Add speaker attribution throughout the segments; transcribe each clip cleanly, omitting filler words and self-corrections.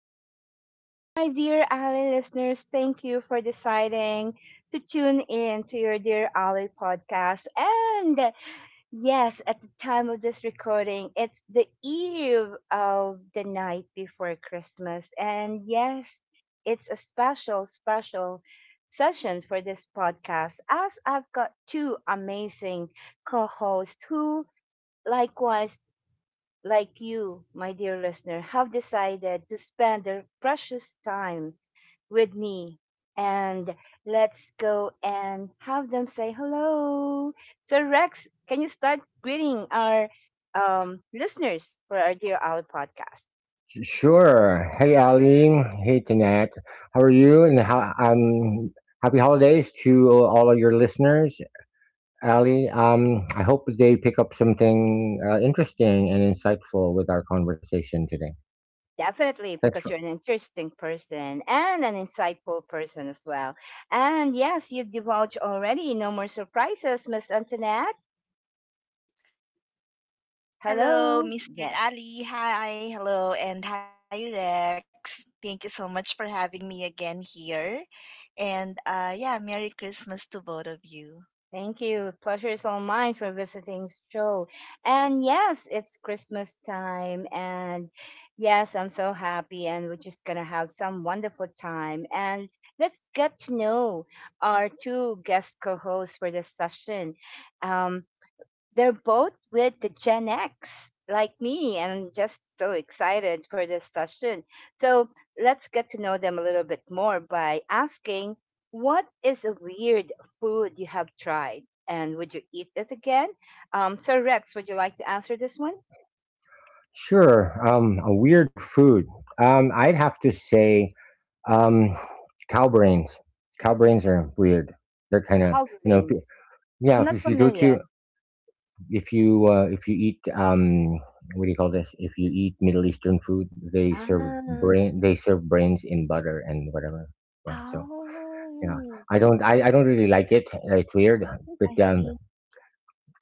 Speaker 1: Awesomeness, my dear Ally listeners. Thank you for deciding to tune in to your Dear Ally podcast. And yes, at the time of this recording, it's the eve of the night before Christmas. And yes, it's a special session for this podcast, as I've got two amazing co hosts who likewise, like you, my dear listener, have decided to spend their precious time with me. And let's go and have them say hello. So, Rex, can you start greeting our listeners for our Dear Owl podcast?
Speaker 2: Sure. Hey, Ali. Hey, Tanette. How are you? And happy holidays to all of your listeners, Ali. I hope they pick up something interesting and insightful with our conversation today.
Speaker 1: Definitely,
Speaker 2: That's for
Speaker 1: because you're an interesting person and an insightful person as well. And yes, you divulge already. No more surprises, Miss Antoinette.
Speaker 3: Hello,
Speaker 1: Hello.
Speaker 3: Mr.
Speaker 1: Yes.
Speaker 3: Ali. Hi, hello, and hi, Rex. Thank you so much for having me again here. And yeah, Merry Christmas to both of you.
Speaker 1: Thank you. Pleasure is all mine for visiting show. And yes, it's Christmas time. And yes, I'm so happy. And we're just going to have some wonderful time. And let's get to know our two guest co hosts for this session. Um, they're both with the Gen X, like me, and I'm just so excited for this session. So let's get to know them a little bit more by asking, what is a weird food you have tried, and would you eat it again? So, Rex, would you like to answer this one?
Speaker 2: sure. A weird food. I'd have to say, um, cow brains. Cow brains are weird. They're kind of, you know, if you-
Speaker 1: Coverings.
Speaker 2: Yeah.
Speaker 1: I'm
Speaker 2: If
Speaker 1: not
Speaker 2: if you go to
Speaker 1: familiar.
Speaker 2: if you eat what do you call this, if you eat Middle Eastern food, they serve
Speaker 1: Ah,
Speaker 2: brain, they serve brains in butter and whatever. Yeah, so yeah,
Speaker 1: oh,
Speaker 2: I don't really like it. It's weird, but
Speaker 1: I see.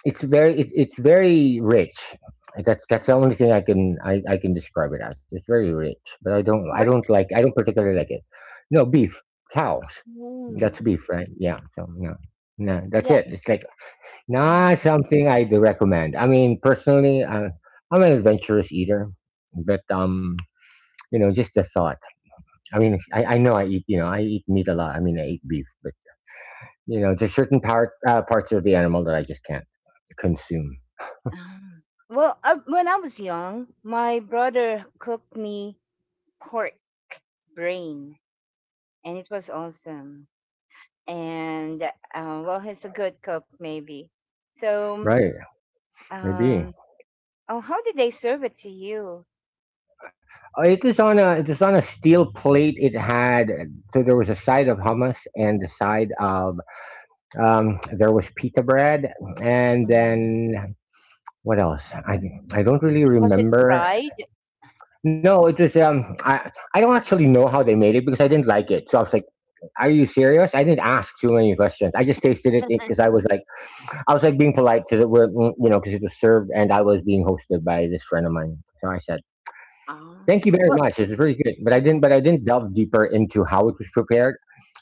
Speaker 2: it's it's very rich. That's the only thing I can describe it as. It's very rich, but i don't i don't
Speaker 1: Pork?
Speaker 2: like i don't particularly like it. No, beef. Cows.
Speaker 1: Mm,
Speaker 2: That's beef, right? Yeah, so no, no, that's
Speaker 1: yeah.
Speaker 2: it. It's like not something I'd recommend. I mean, personally, I'm an adventurous eater, but you know, just the thought. I mean, I know I eat, you know, I eat meat a lot. I mean, I eat beef, but you know, there's certain parts of the animal that I just can't consume.
Speaker 1: Um, Well, when I was young, my brother cooked me pork brain, and it was awesome. And well, he's a good cook, maybe. So,
Speaker 2: Right,
Speaker 1: um,
Speaker 2: maybe.
Speaker 1: oh, how did they serve it to you?
Speaker 2: It was on a steel plate. It had So there was a side of
Speaker 1: Mm,
Speaker 2: hummus and the side of there was pita bread, and
Speaker 1: mhm.
Speaker 2: then what else? I don't really
Speaker 1: Was it
Speaker 2: remember.
Speaker 1: fried?
Speaker 2: No, it was I don't actually know how they made it because I didn't like it. So I was like, "Are you serious?" I didn't ask too many questions. I just tasted it because I was like being polite to the word, you know, because it was served and I was being hosted by this friend of mine. So I said,
Speaker 1: Ah,
Speaker 2: "Thank you very
Speaker 1: well,
Speaker 2: much. This is pretty good." But I didn't delve deeper into how it was prepared.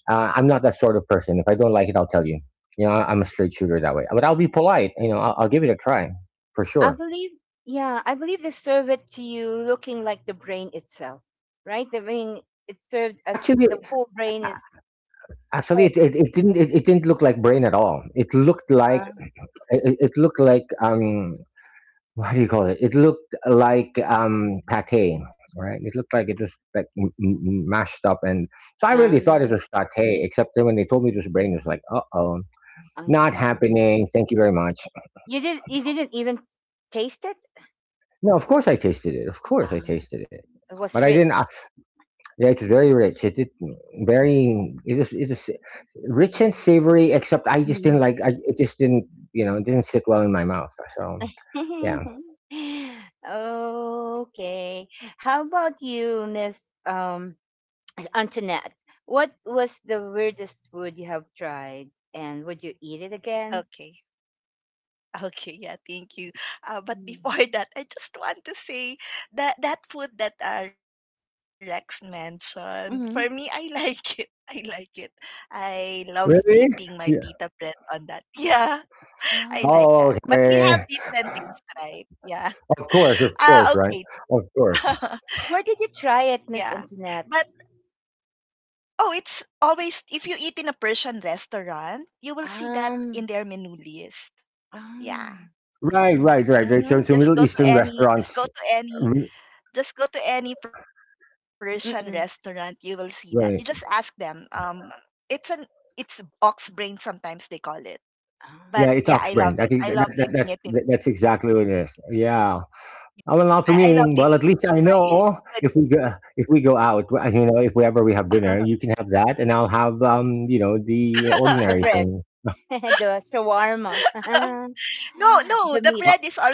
Speaker 2: I'm not that sort of person. If I don't like it, I'll tell you. You know, I'm a straight shooter that way. But I'll be polite. You know, I'll give it a try for
Speaker 1: I
Speaker 2: sure.
Speaker 1: believe, yeah, I believe they serve it to you looking like the brain itself, right? I mean, it served as
Speaker 2: Actually,
Speaker 1: the whole brain
Speaker 2: a-
Speaker 1: is
Speaker 2: Actually,
Speaker 1: whole.
Speaker 2: it didn't, it didn't look like brain at all. It looked like
Speaker 1: Huh?
Speaker 2: it looked like what do you call it? It looked like pate, right? It looked like it was like mashed up, and so I really thought it
Speaker 1: Ah.
Speaker 2: was pate. Except then when they told me it was brain, it was like, uh oh,
Speaker 1: I
Speaker 2: not
Speaker 1: see.
Speaker 2: happening. Thank you very much.
Speaker 1: You did you didn't even taste it?
Speaker 2: No, of course I tasted it.
Speaker 1: Ah, it
Speaker 2: But
Speaker 1: was
Speaker 2: I didn't.
Speaker 1: rich.
Speaker 2: Yeah, it's very rich. It very it is rich and savory. Except I just didn't
Speaker 1: Mm.
Speaker 2: like. I It just didn't, you know, it didn't sit well in my mouth. So yeah,
Speaker 1: okay. How about you, Miss Antoinette? What was the weirdest food you have tried, and would you eat it again?
Speaker 3: Okay. Okay, yeah, thank you. But before that, I just want to say that food that Rex mentioned, for me, I
Speaker 1: Mm-hmm.
Speaker 3: like it. I like it. I love dipping
Speaker 2: really.
Speaker 3: my pita
Speaker 2: Yeah.
Speaker 3: bread on that. Yeah, I like
Speaker 1: Oh.
Speaker 3: that.
Speaker 2: Oh,
Speaker 3: But we have
Speaker 2: okay.
Speaker 3: different things, right? Yeah.
Speaker 2: Of course,
Speaker 3: Ah,
Speaker 2: right?
Speaker 3: okay.
Speaker 2: Of course.
Speaker 1: Where did you
Speaker 3: Yeah.
Speaker 1: try it,
Speaker 3: But
Speaker 1: Miss Antoinette?
Speaker 3: oh, it's always, if you eat in a Persian restaurant, you will see that in their
Speaker 1: Um,
Speaker 3: menu list. Yeah.
Speaker 1: um I
Speaker 2: Right,
Speaker 1: see.
Speaker 2: right, right, right.
Speaker 3: Mm-hmm.
Speaker 2: So, so Middle Eastern restaurants. re-
Speaker 3: Just go to any Persian restaurant, you
Speaker 1: Mm-mm.
Speaker 3: will see that. You just ask
Speaker 2: Right.
Speaker 3: them. It's an, it's ox brain sometimes they call it. But
Speaker 2: Yeah,
Speaker 1: Um,
Speaker 3: yeah,
Speaker 2: it's
Speaker 3: I love
Speaker 2: oxbrain.
Speaker 3: it.
Speaker 2: I think that's exactly what it is. Yeah. Oh, well, not for
Speaker 3: I
Speaker 2: me.
Speaker 3: love
Speaker 2: Well, at
Speaker 3: dipping it
Speaker 2: least I
Speaker 3: in my
Speaker 2: know if we go out, you know,
Speaker 3: with
Speaker 2: if we ever we have dinner, you can have that, and I'll have you know, the
Speaker 3: my.
Speaker 1: the
Speaker 2: ordinary
Speaker 1: bread.
Speaker 2: thing.
Speaker 1: The shawarma.
Speaker 3: No, no, the
Speaker 1: The
Speaker 3: bread
Speaker 1: meat.
Speaker 2: Uh,
Speaker 3: is also,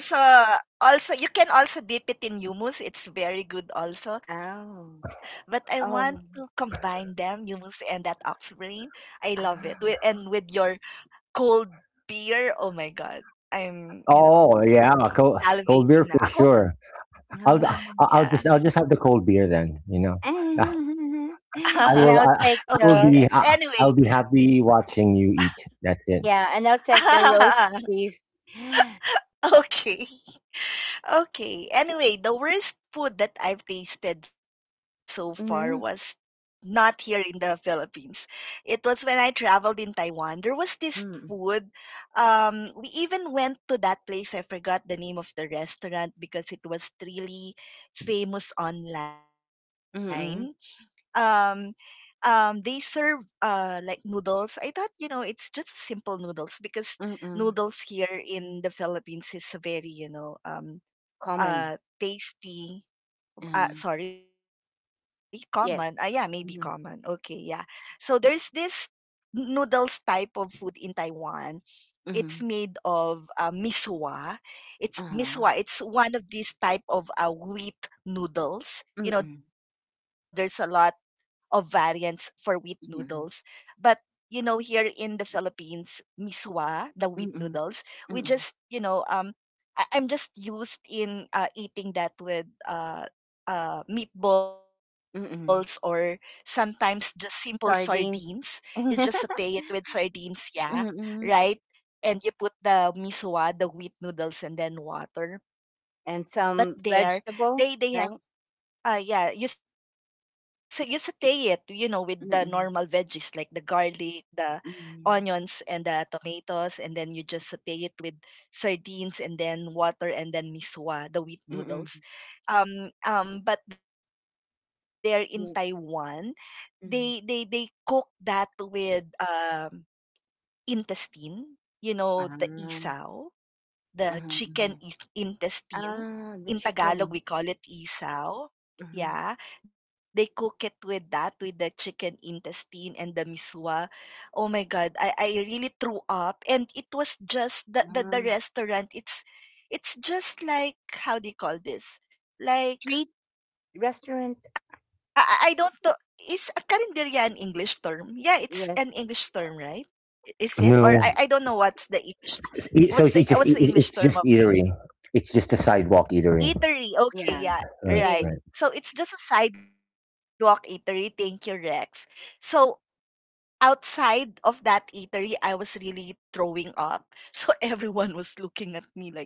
Speaker 3: you can also dip it in hummus. It's very good also. But I
Speaker 1: Oh.
Speaker 3: want to
Speaker 1: Oh.
Speaker 3: combine them, hummus and that ox brain. I love it. With,
Speaker 1: Um,
Speaker 3: and with your cold beer. Oh my god. I'm, you know,
Speaker 2: oh yeah, cold beer
Speaker 3: salivating
Speaker 2: for
Speaker 3: now.
Speaker 2: sure.
Speaker 1: oh.
Speaker 3: Yeah.
Speaker 2: I'll just have the cold beer then. You know, Uh,
Speaker 1: and I'll
Speaker 3: Okay,
Speaker 1: take
Speaker 3: Rex.
Speaker 2: I will
Speaker 1: the
Speaker 3: Anyway.
Speaker 2: I'll be happy watching you eat. That's it.
Speaker 1: Yeah, and I'll take the roast beef.
Speaker 3: Okay. Okay. Anyway, the worst food that I've tasted so far was
Speaker 1: Mm-hmm.
Speaker 3: not here in the Philippines. It was when I traveled in Taiwan. There was this
Speaker 1: Mm-mm.
Speaker 3: food. We even went to that place. I forgot the name of the restaurant because it was really famous online.
Speaker 1: Mm-mm.
Speaker 3: Um, they serve like noodles. I thought, you know, it's just simple noodles because
Speaker 1: Mm-mm.
Speaker 3: noodles here in the Philippines is very, you know,
Speaker 1: Common.
Speaker 3: tasty,
Speaker 1: Uh,
Speaker 3: sorry, common. Ah, yeah, maybe common.
Speaker 1: yes.
Speaker 3: Okay, yeah.
Speaker 1: Mm-hmm.
Speaker 3: So there's this noodles type of food in Taiwan. It's
Speaker 1: Mm-hmm.
Speaker 3: made of miswa. It's miswa.
Speaker 1: Uh-huh.
Speaker 3: It's one of these type of wheat noodles. You know,
Speaker 1: Mm-mm.
Speaker 3: there's a lot of variants for wheat noodles. But
Speaker 1: Mm-mm.
Speaker 3: you know, here in the Philippines, miswa, the wheat noodles,
Speaker 1: Mm-mm.
Speaker 3: we just, you
Speaker 1: Mm-mm.
Speaker 3: know, I'm just used in eating that with meatballs or
Speaker 1: Mm-mm.
Speaker 3: sometimes just simple sardines. You just
Speaker 1: Sardines.
Speaker 3: saute it with sardines, yeah, right?
Speaker 1: Mm-mm.
Speaker 3: And you put the miswa, the wheat noodles, and then water.
Speaker 1: And
Speaker 3: But
Speaker 1: some
Speaker 3: there,
Speaker 1: vegetable,
Speaker 3: they have
Speaker 1: right?
Speaker 3: Ah, yeah, you sa you saute it, you know, with the normal veggies like the
Speaker 1: Mm-mm.
Speaker 3: garlic, the onions, and
Speaker 1: Mm,
Speaker 3: the tomatoes, and then you just saute it with sardines and then water and then miswa, the wheat noodles.
Speaker 1: mm,
Speaker 3: But they're in Taiwan.
Speaker 1: yeah,
Speaker 3: They
Speaker 1: mm.
Speaker 3: cook that with intestine, you know, the
Speaker 1: Ah,
Speaker 3: isaw,
Speaker 1: uh huh.
Speaker 3: the
Speaker 1: Uh huh.
Speaker 3: chicken is
Speaker 1: Ah,
Speaker 3: intestine.
Speaker 1: the
Speaker 3: In
Speaker 1: chicken.
Speaker 3: Tagalog, we call it isaw.
Speaker 1: Mhm.
Speaker 3: Yeah, they cook it with that, with the chicken intestine and the miswa. Oh my God, I really threw up. And it was just the,
Speaker 1: Um,
Speaker 3: the, the restaurant. It's just like, how do you call this?
Speaker 1: street
Speaker 3: Like,
Speaker 1: restaurant.
Speaker 3: I don't know. Is a karinderya an English term? Yeah,
Speaker 1: Yes,
Speaker 3: it's an English term, right? Is it? Or
Speaker 2: No,
Speaker 3: I don't know what's the English,
Speaker 2: so it's just
Speaker 3: what's the English term.
Speaker 2: eatery. It's just a sidewalk eatery.
Speaker 3: Eatery.
Speaker 1: yeah,
Speaker 3: Okay, yeah.
Speaker 1: it
Speaker 2: Right,
Speaker 1: it is.
Speaker 2: right.
Speaker 3: Right. So it's just a sidewalk eatery. Thank you, Rex. So outside of that eatery, I was really throwing up. So everyone was looking at me like,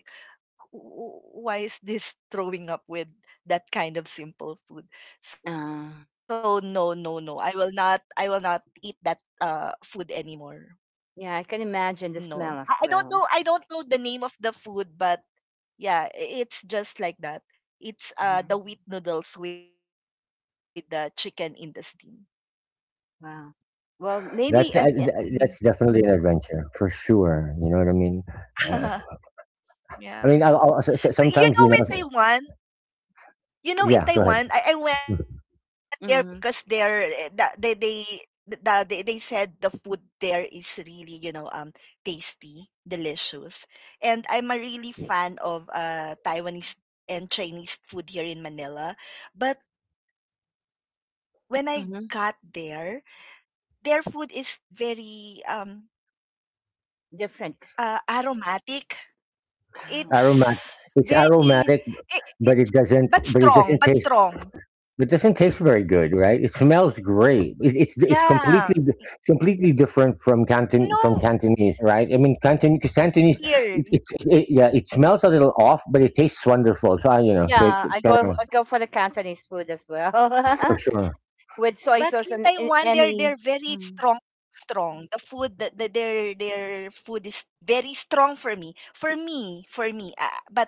Speaker 3: Why is this throwing up with that kind of simple food?" So no,
Speaker 1: Ah,
Speaker 3: no, no. I will not eat that food anymore.
Speaker 1: yeah, I can imagine the
Speaker 3: No.
Speaker 1: smell as
Speaker 3: I
Speaker 1: well.
Speaker 3: don't know the name of the food, but yeah, it's just like that. It's the
Speaker 1: Ah,
Speaker 3: wheat noodles with the chicken in the steam.
Speaker 1: wow. Well, maybe
Speaker 2: That's
Speaker 1: Mhm,
Speaker 2: that's definitely an
Speaker 1: mhm,
Speaker 2: adventure for sure. You know what I mean? Uh,
Speaker 1: yeah.
Speaker 3: Yeah.
Speaker 2: I mean, I'll,
Speaker 3: But you
Speaker 2: sometimes you
Speaker 3: know
Speaker 2: know.
Speaker 3: in Taiwan,
Speaker 2: Yeah, go ahead.
Speaker 3: I went there because they're
Speaker 1: Mm-hmm,
Speaker 3: they said the food there is really, you know, um, tasty, delicious, and I'm a really fan of Taiwanese and Chinese food here in Manila, but when I got
Speaker 1: mm-hmm.
Speaker 3: there, their food is very um.
Speaker 1: Different.
Speaker 3: Aromatic.
Speaker 2: Mm-hmm.
Speaker 1: Ah.
Speaker 2: Aromat.
Speaker 3: It's
Speaker 2: It's
Speaker 3: very,
Speaker 2: aromatic,
Speaker 3: it,
Speaker 2: but
Speaker 3: it's
Speaker 2: it doesn't.
Speaker 3: but
Speaker 2: But it
Speaker 3: strong,
Speaker 2: doesn't
Speaker 3: but
Speaker 2: taste.
Speaker 3: strong.
Speaker 2: It doesn't taste very good, right? It smells great.
Speaker 3: Yeah.
Speaker 2: It's completely different from Canton,
Speaker 3: No
Speaker 2: from Cantonese, right? I mean, Canton, because Cantonese,
Speaker 3: here.
Speaker 2: yeah, it smells a little off, but it tastes wonderful. So I, you know, so it,
Speaker 1: Yeah,
Speaker 2: it's
Speaker 1: I
Speaker 2: kind
Speaker 1: go
Speaker 2: of
Speaker 1: I go for the Cantonese food as
Speaker 2: for
Speaker 1: well
Speaker 2: sure.
Speaker 3: But in
Speaker 1: with soy
Speaker 3: Taiwan they're
Speaker 1: sauce
Speaker 3: they're
Speaker 1: and
Speaker 3: very
Speaker 1: any.
Speaker 3: strong,
Speaker 1: Mm,
Speaker 3: strong. The their food is very strong for me. For me. But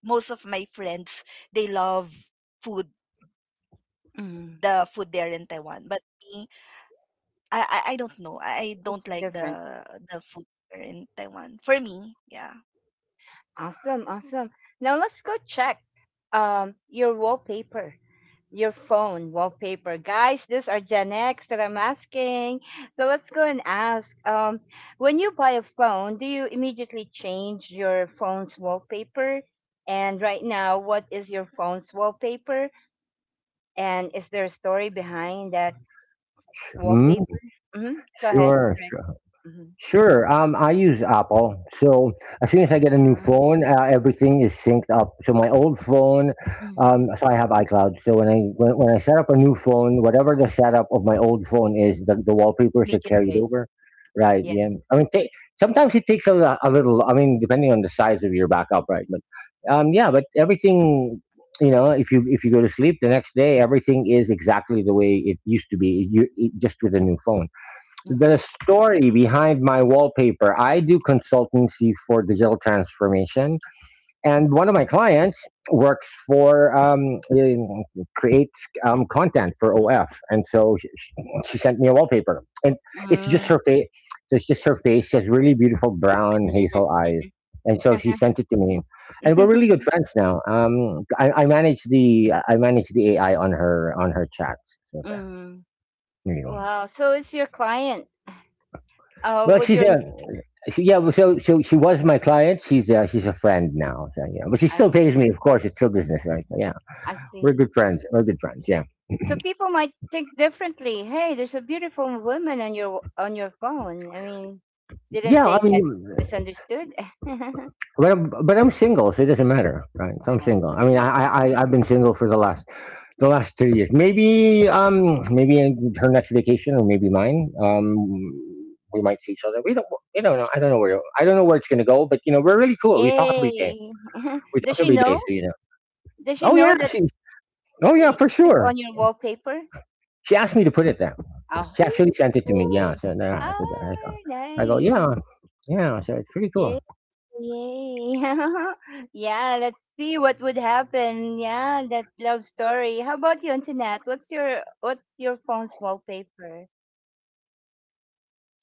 Speaker 3: most of my friends, they love food the food there in
Speaker 1: mm.
Speaker 3: Taiwan. But me, I don't know. I don't like
Speaker 1: It's different.
Speaker 3: the food there in Taiwan. For me, yeah.
Speaker 1: Awesome, awesome. Now let's go check your wallpaper, your phone wallpaper. Guys, these are Gen X that I'm asking. So let's go and ask. When you buy a phone, do you immediately change your phone's wallpaper? And right now, what is your phone's wallpaper? And is there a story behind that
Speaker 2: Mm,
Speaker 1: wallpaper? Mm-hmm. Go ahead,
Speaker 2: sure.
Speaker 1: Rick. Mm-hmm.
Speaker 2: Sure. I use Apple, so as soon as I get a new phone, everything is synced up. So my old phone,
Speaker 1: Mm-hmm.
Speaker 2: so I have iCloud. So when I set up a new phone, whatever the setup of my old phone is, the wallpapers are carried
Speaker 1: Immediately.
Speaker 2: over. Right.
Speaker 1: Yeah.
Speaker 2: Yeah. I mean, ta sometimes it takes a little. I mean, depending on the size of your backup, right? But yeah. But everything, you know, if you go to sleep the next day, everything is exactly the way it used to be. You it, just with a new phone, the
Speaker 1: Mm-hmm.
Speaker 2: story behind my wallpaper. I do consultancy for digital transformation, and one of my clients works for in- creates content for OF, and so she sent me a wallpaper, and it's just her
Speaker 1: Mm.
Speaker 2: face. So it's just her face. She has really beautiful brown hazel eyes, and so
Speaker 1: Uh-huh.
Speaker 2: she sent it to me, and we're really good friends now. I manage the AI on her chats. So there,
Speaker 1: Mm.
Speaker 2: there you go.
Speaker 1: Wow. So it's your client.
Speaker 2: Well,
Speaker 1: Would
Speaker 2: she's
Speaker 1: your
Speaker 2: a She, yeah, so she was my client. She's a friend now. So yeah, but she
Speaker 1: I
Speaker 2: still pays
Speaker 1: see.
Speaker 2: me. Of course, it's still business, right? So, yeah,
Speaker 1: I
Speaker 2: we're
Speaker 1: see.
Speaker 2: good friends. Yeah,
Speaker 1: So people might think differently. Hey, there's a beautiful woman on your phone. I mean, didn't
Speaker 2: yeah. I
Speaker 1: they get
Speaker 2: mean,
Speaker 1: misunderstood?
Speaker 2: but I'm single, so it doesn't matter, right? So I'm
Speaker 1: Oh,
Speaker 2: single. I mean,
Speaker 1: really?
Speaker 2: I've been single for the last 2 years. Maybe maybe in her next vacation or maybe mine. We might see each other. We don't You don't know. I don't know where it's gonna go. But you know, we're really cool. We talk every day.
Speaker 1: Yay! Does she know?
Speaker 2: So you know.
Speaker 1: Does she
Speaker 2: Oh
Speaker 1: know
Speaker 2: yeah,
Speaker 1: that
Speaker 2: she. Oh yeah, for
Speaker 1: she's
Speaker 2: sure.
Speaker 1: on your wallpaper?
Speaker 2: She asked me to put it there. She
Speaker 1: Oh,
Speaker 2: actually sent it to me. Yeah, so yeah, I said,
Speaker 1: ah,
Speaker 2: I go, yeah,
Speaker 1: nice.
Speaker 2: yeah. So it's pretty cool.
Speaker 1: Yeah. Yay. Yeah, let's see what would happen. Yeah, that love story. How about you, Antoinette? What's your phone's wallpaper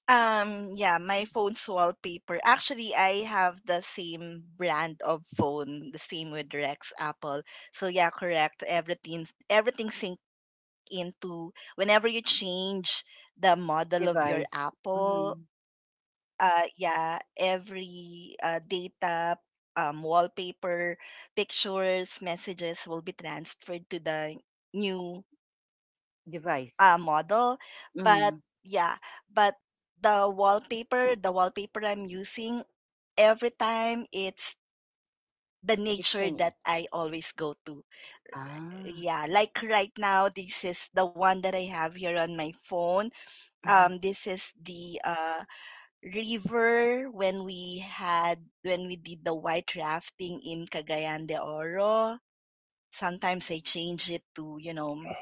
Speaker 3: Yeah, my phone's wallpaper. Actually, I have the same brand of phone, the same with Rex, Apple. So yeah, correct. Everything sync into whenever you change the model of your
Speaker 1: device?
Speaker 3: Apple.
Speaker 1: Mm-hmm.
Speaker 3: Yeah, every data, wallpaper, pictures, messages will be transferred to the new
Speaker 1: Device.
Speaker 3: model. But
Speaker 1: Mm.
Speaker 3: yeah, but the wallpaper I'm using every time, it's the
Speaker 1: It
Speaker 3: nature
Speaker 1: changed.
Speaker 3: that I always go to.
Speaker 1: Ah.
Speaker 3: Yeah, like right now, this is the one that I have here on my phone.
Speaker 1: Mm-hmm.
Speaker 3: This is the river when we had, when we did the white rafting in Cagayan de Oro. Sometimes I change it to, you know,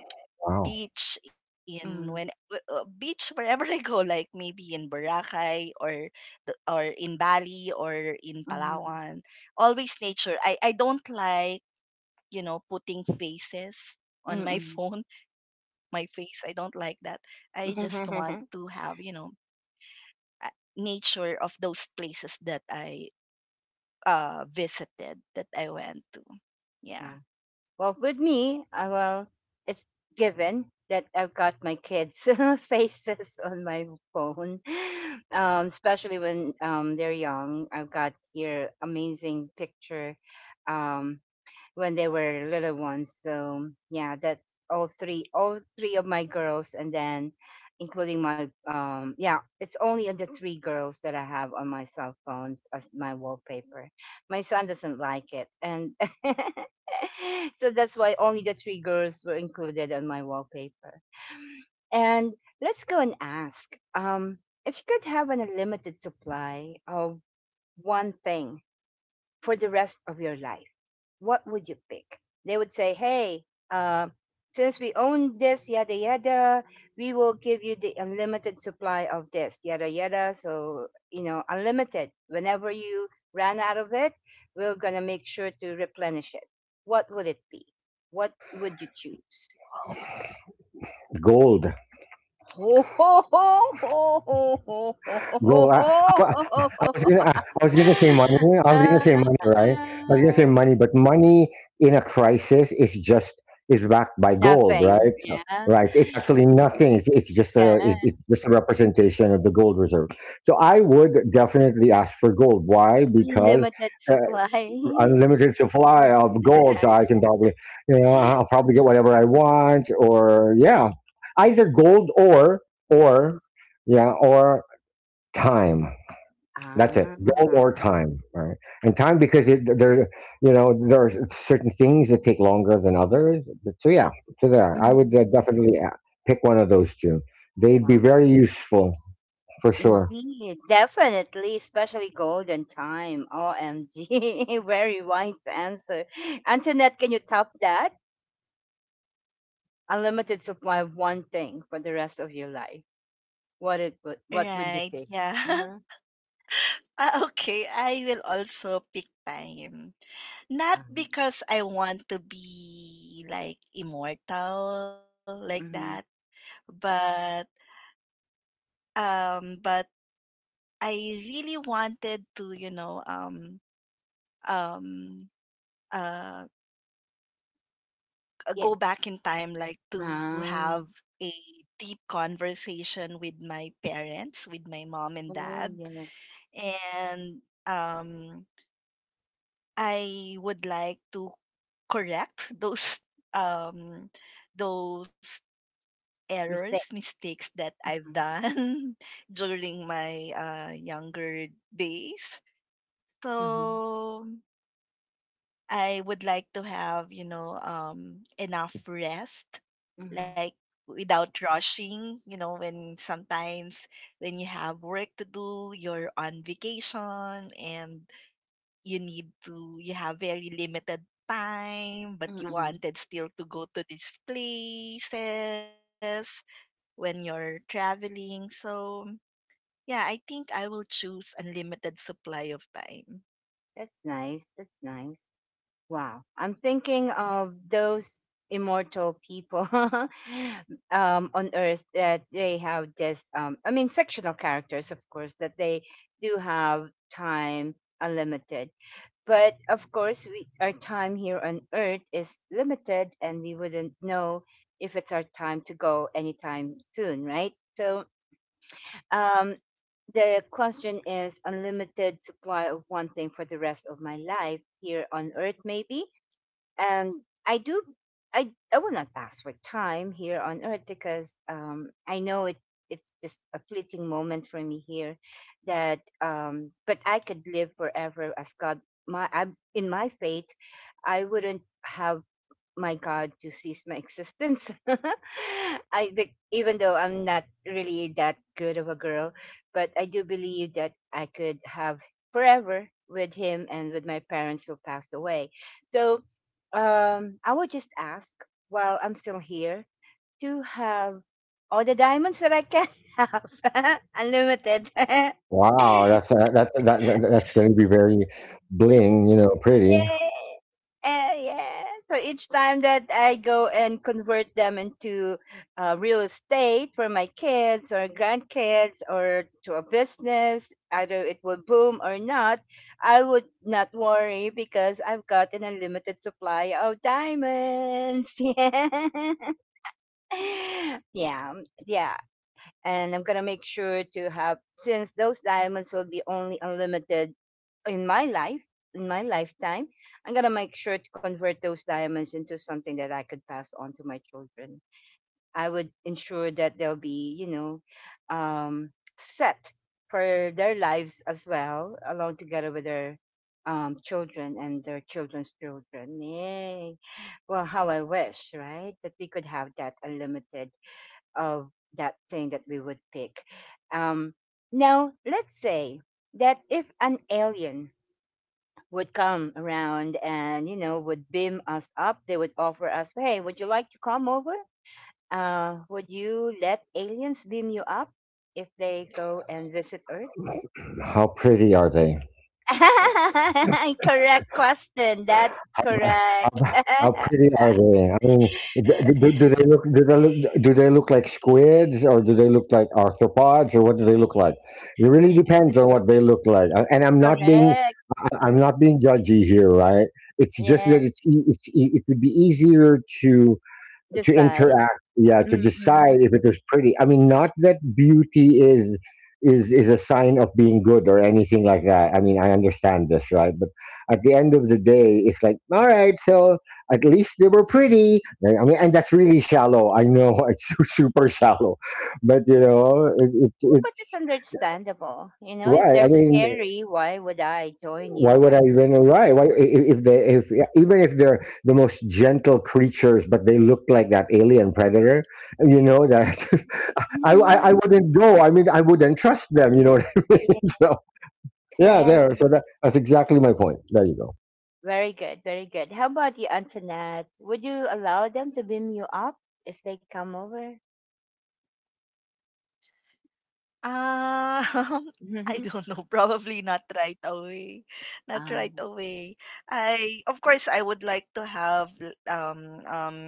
Speaker 2: Wow,
Speaker 3: beach, beach wherever I go, like maybe in Boracay or or in Bali or in
Speaker 1: Mm-hmm.
Speaker 3: Palawan. Always nature. I don't like, you know, putting faces on my
Speaker 1: Mm-hmm.
Speaker 3: phone. My face, I don't like that. I just want to have, you know, a nature of those places that I visited, that I went to. Yeah.
Speaker 1: Yeah. Well, with me, well, it's given that I've got my kids' faces on my phone, especially when they're young. I've got here amazing picture um, when they were little ones. So yeah, that's all three of my girls, and then including my yeah, it's only the three girls that I have on my cell phones as my wallpaper. My son doesn't like it, and so that's why only the three girls were included on my wallpaper. And let's go and ask if you could have an unlimited supply of one thing for the rest of your life, what would you pick? They would say, hey, uh, since we own this, yada, yada, we will give you the unlimited supply of this, yada, yada. So, you know, unlimited. Whenever you ran out of it, we're going to make sure to replenish it. What would it be? What would you choose?
Speaker 2: gold, gold. Wa- I was gonna, I, I was gonna say money. I was gonna
Speaker 1: Uh,
Speaker 2: say money, right? I was gonna say money, but money in a crisis is just is backed by gold,
Speaker 1: Nothing.
Speaker 2: right? So,
Speaker 1: Yeah.
Speaker 2: right. It's actually nothing. It's just
Speaker 1: Yeah.
Speaker 2: a it's just a representation of the gold reserve. So I would definitely ask for gold. Why? Because.
Speaker 1: Limited
Speaker 2: Uh,
Speaker 1: supply.
Speaker 2: unlimited supply of gold, so I can probably, you know, I'll probably get whatever I want, or yeah, either gold or yeah, or time. That's it,
Speaker 1: Ah,
Speaker 2: gold or time, right? And time because there, you know, there are certain things that take longer than others. So yeah, so there, I would
Speaker 1: mm,
Speaker 2: definitely pick one of those two. They'd be
Speaker 1: wow.
Speaker 2: very useful for sure.
Speaker 1: Indeed, definitely, especially golden time. OMG, very wise answer. Antoinette, can you top that? Unlimited supply of one thing for the rest of your life. What would you
Speaker 3: Right.
Speaker 1: pick?
Speaker 3: Yeah.
Speaker 1: Uh-huh.
Speaker 3: Ah, okay, I will also pick time. Not
Speaker 1: Um,
Speaker 3: because I want to be like immortal like
Speaker 1: mhm.
Speaker 3: that, but um but I really wanted to, you know, um uh
Speaker 1: Yes.
Speaker 3: go back in time, like to
Speaker 1: Ah,
Speaker 3: have a deep conversation with my parents, with my mom and
Speaker 1: oh
Speaker 3: dad,
Speaker 1: yes.
Speaker 3: and um I would like to correct those um those
Speaker 1: Mistake.
Speaker 3: errors, mistakes that I've
Speaker 1: Mm-hmm.
Speaker 3: done during my younger days.
Speaker 1: Mm-hmm.
Speaker 3: So I would like to have, you know, enough rest,
Speaker 1: Mhm,
Speaker 3: like without rushing, you know, when sometimes when you have work to do, you're on vacation and you need to, you have very limited time, but you
Speaker 1: mm.
Speaker 3: wanted still to go to these places when you're traveling. So, yeah, I think I will choose unlimited supply of time.
Speaker 1: That's nice, that's nice. Wow, I'm thinking of those immortal people on Earth that they have this. I mean, fictional characters, of course, that they do have time unlimited. But of course, we, our time here on Earth is limited, and we wouldn't know if it's our time to go anytime soon, right? So, um, the question is unlimited supply of one thing for the rest of my life here on earth maybe, and I do, I will not ask for time here on earth, because I know it it's just a fleeting moment for me here, that but I could live forever as God, my I, in my faith I wouldn't have my God to cease my existence. Even though I'm not really that good of a girl, but I do believe that I could have forever with him and with my parents who passed away. So I would just ask while I'm still here to have all the diamonds that I can have, unlimited.
Speaker 2: Wow, that's that's going to be very bling, you know, pretty.
Speaker 1: Yay! Eh, yeah. So each time that I go and convert them into real estate for my kids or grandkids or to a business, either it will boom or not, I would not worry because I've got an unlimited supply of diamonds. Yeah. Yeah. Yeah. And I'm going to make sure to have, since those diamonds will be only unlimited in my life in my lifetime, I'm going to make sure to convert those diamonds into something that I could pass on to my children. I would ensure that they'll be, you know, um, set for their lives as well, along together with their children and their children's children. Yay. Well, how I wish, right, that we could have that unlimited of that thing that we would pick. um, Now let's say that if an alien would come around and you know would beam us up, they would offer us, hey, would you like to come over? Uh, would you let aliens beam you up if they go and visit earth?
Speaker 2: How pretty are they?
Speaker 1: Correct question, that's correct.
Speaker 2: How pretty are they? I mean, do they look do they look like squids or do they look like arthropods or what do they look like? It really
Speaker 1: Yeah,
Speaker 2: depends on what they look like. And I'm not being
Speaker 1: correct,
Speaker 2: I'm not being judgy here, right? It's just that
Speaker 1: yeah,
Speaker 2: it would be easier to
Speaker 1: decide.
Speaker 2: interact, yeah, to decide
Speaker 1: Mm-mm.
Speaker 2: if it was pretty. I mean, not that beauty is a sign of being good or anything like that. I mean, I understand this, right? But at the end of the day, it's like, all right, so at least they were pretty. Right? I mean, and that's really shallow, I know. It's super shallow, but you know,
Speaker 1: Oh, but it's
Speaker 2: it's
Speaker 1: understandable, you know, if
Speaker 2: right.
Speaker 1: they're
Speaker 2: I mean,
Speaker 1: scary, why would I join
Speaker 2: why
Speaker 1: you
Speaker 2: would
Speaker 1: guys?
Speaker 2: I even right? Why I- if they if Even if they're the most gentle creatures, but they look like that alien predator, you know that I
Speaker 1: Hmm.
Speaker 2: wouldn't go. I mean, I wouldn't trust them. You know what I mean?
Speaker 1: Yeah,
Speaker 2: So yeah, there.
Speaker 1: correct.
Speaker 2: So that's exactly my point. There you go.
Speaker 1: Very good, very good. How about you, Antoinette? Would you allow them to beam you up if they come over?
Speaker 3: Um, I don't know. Probably not right away. Not right
Speaker 1: Um,
Speaker 3: away. I, of course I would like to have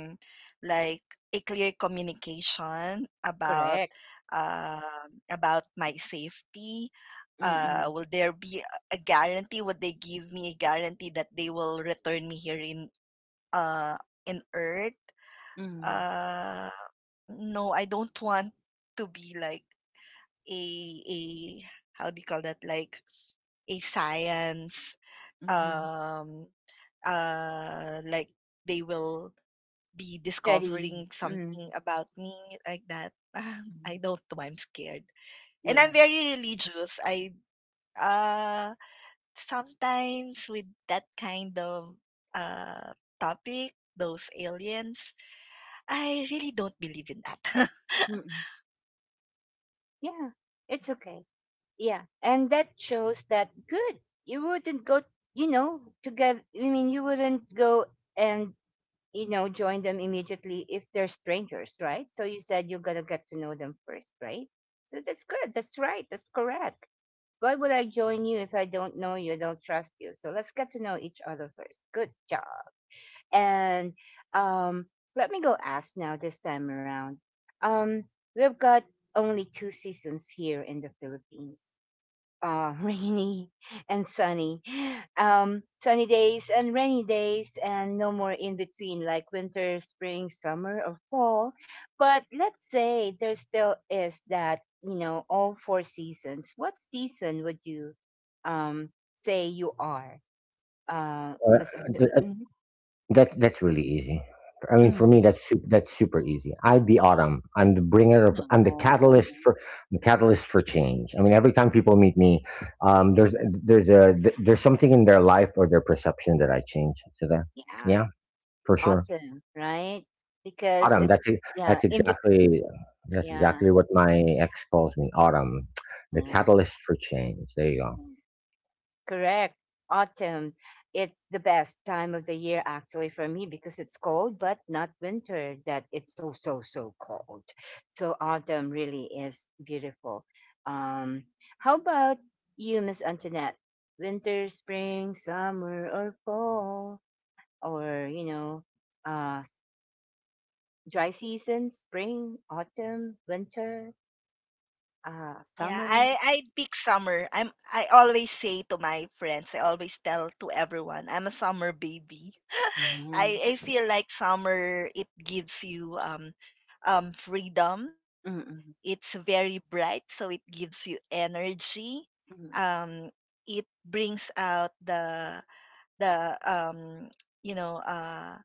Speaker 3: like a clear communication
Speaker 1: correct.
Speaker 3: about my safety.
Speaker 1: Mm-mm.
Speaker 3: Will there be a guarantee? Would they give me a guarantee that they will return me here uh in Earth?
Speaker 1: Mm-mm.
Speaker 3: Uh, no, I don't want to be like a a how do you call that? Like a science,
Speaker 1: Hmm.
Speaker 3: um, like they will be
Speaker 1: Study.
Speaker 3: discovering something
Speaker 1: Mm-mm.
Speaker 3: about me like that. I don't know. I'm scared, and I'm
Speaker 1: Yes.
Speaker 3: very religious. I, uh sometimes with that kind of uh topic, those aliens, I really don't believe in that.
Speaker 1: Mm-mm. Yeah, it's okay. Yeah, and that shows that good. You wouldn't go, you know, together. I mean, you wouldn't go and, you know, join them immediately if they're strangers, right? So you said you're gonna get to know them first, right? So that's good, that's right, that's correct. Why would I join you if I don't know you, I don't trust you, so let's get to know each other first. Good job. And um let me go ask now this time around, um we've got only two seasons here in the Philippines, rainy and sunny. Sunny days and rainy days, and no more in between like winter, spring, summer, or fall. But let's say there still is that, you know, all four seasons. What season would you um, say you are? Miss Ad-
Speaker 2: Uh,
Speaker 1: Mhm.
Speaker 2: That's really easy. I mean, for
Speaker 1: Mhm.
Speaker 2: me, that's that's super easy. I'm the autumn. I'm the bringer of.
Speaker 1: No. No.
Speaker 2: I'm the
Speaker 1: Oh,
Speaker 2: catalyst for. I'm the catalyst for change. I mean, every
Speaker 1: yeah,
Speaker 2: time people meet me, um, there's there's a there's something in their life or their perception that I change. To that,
Speaker 1: yeah,
Speaker 2: yeah, for sure.
Speaker 1: autumn, right? Because
Speaker 2: Autumn.
Speaker 1: it's, yeah,
Speaker 2: That's
Speaker 1: in, be-
Speaker 2: exactly
Speaker 1: yeah,
Speaker 2: what my ex calls me. Autumn, the
Speaker 1: yeah.
Speaker 2: catalyst for change. There you go.
Speaker 1: Yeah. Correct. Autumn. It's the best time of the year actually for me because it's cold, but not winter that it's so, so, so cold. So autumn really is beautiful. Um, how about you, Miss Antoinette? Winter, spring, summer, or fall, or, you know, uh, s- dry season, spring, autumn, winter,
Speaker 3: Yeah,
Speaker 1: summer.
Speaker 3: I pick summer. I always say to my friends, I always tell to everyone, I'm a summer baby.
Speaker 1: Uh Hmm.
Speaker 3: I feel like summer, it gives you freedom. It's very bright, so it gives you energy.
Speaker 1: Mm-mm.
Speaker 3: Um it brings out the you know uh,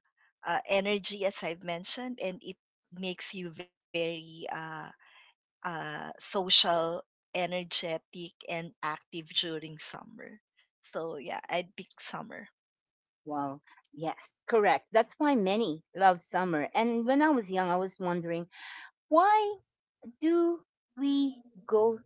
Speaker 3: uh, energy as I've mentioned, and it makes you very social, energetic, and active during summer. So yeah, I'd pick summer.
Speaker 1: Wow. Yes, correct. That's why many love summer. And when I was young, I was wondering, why do we go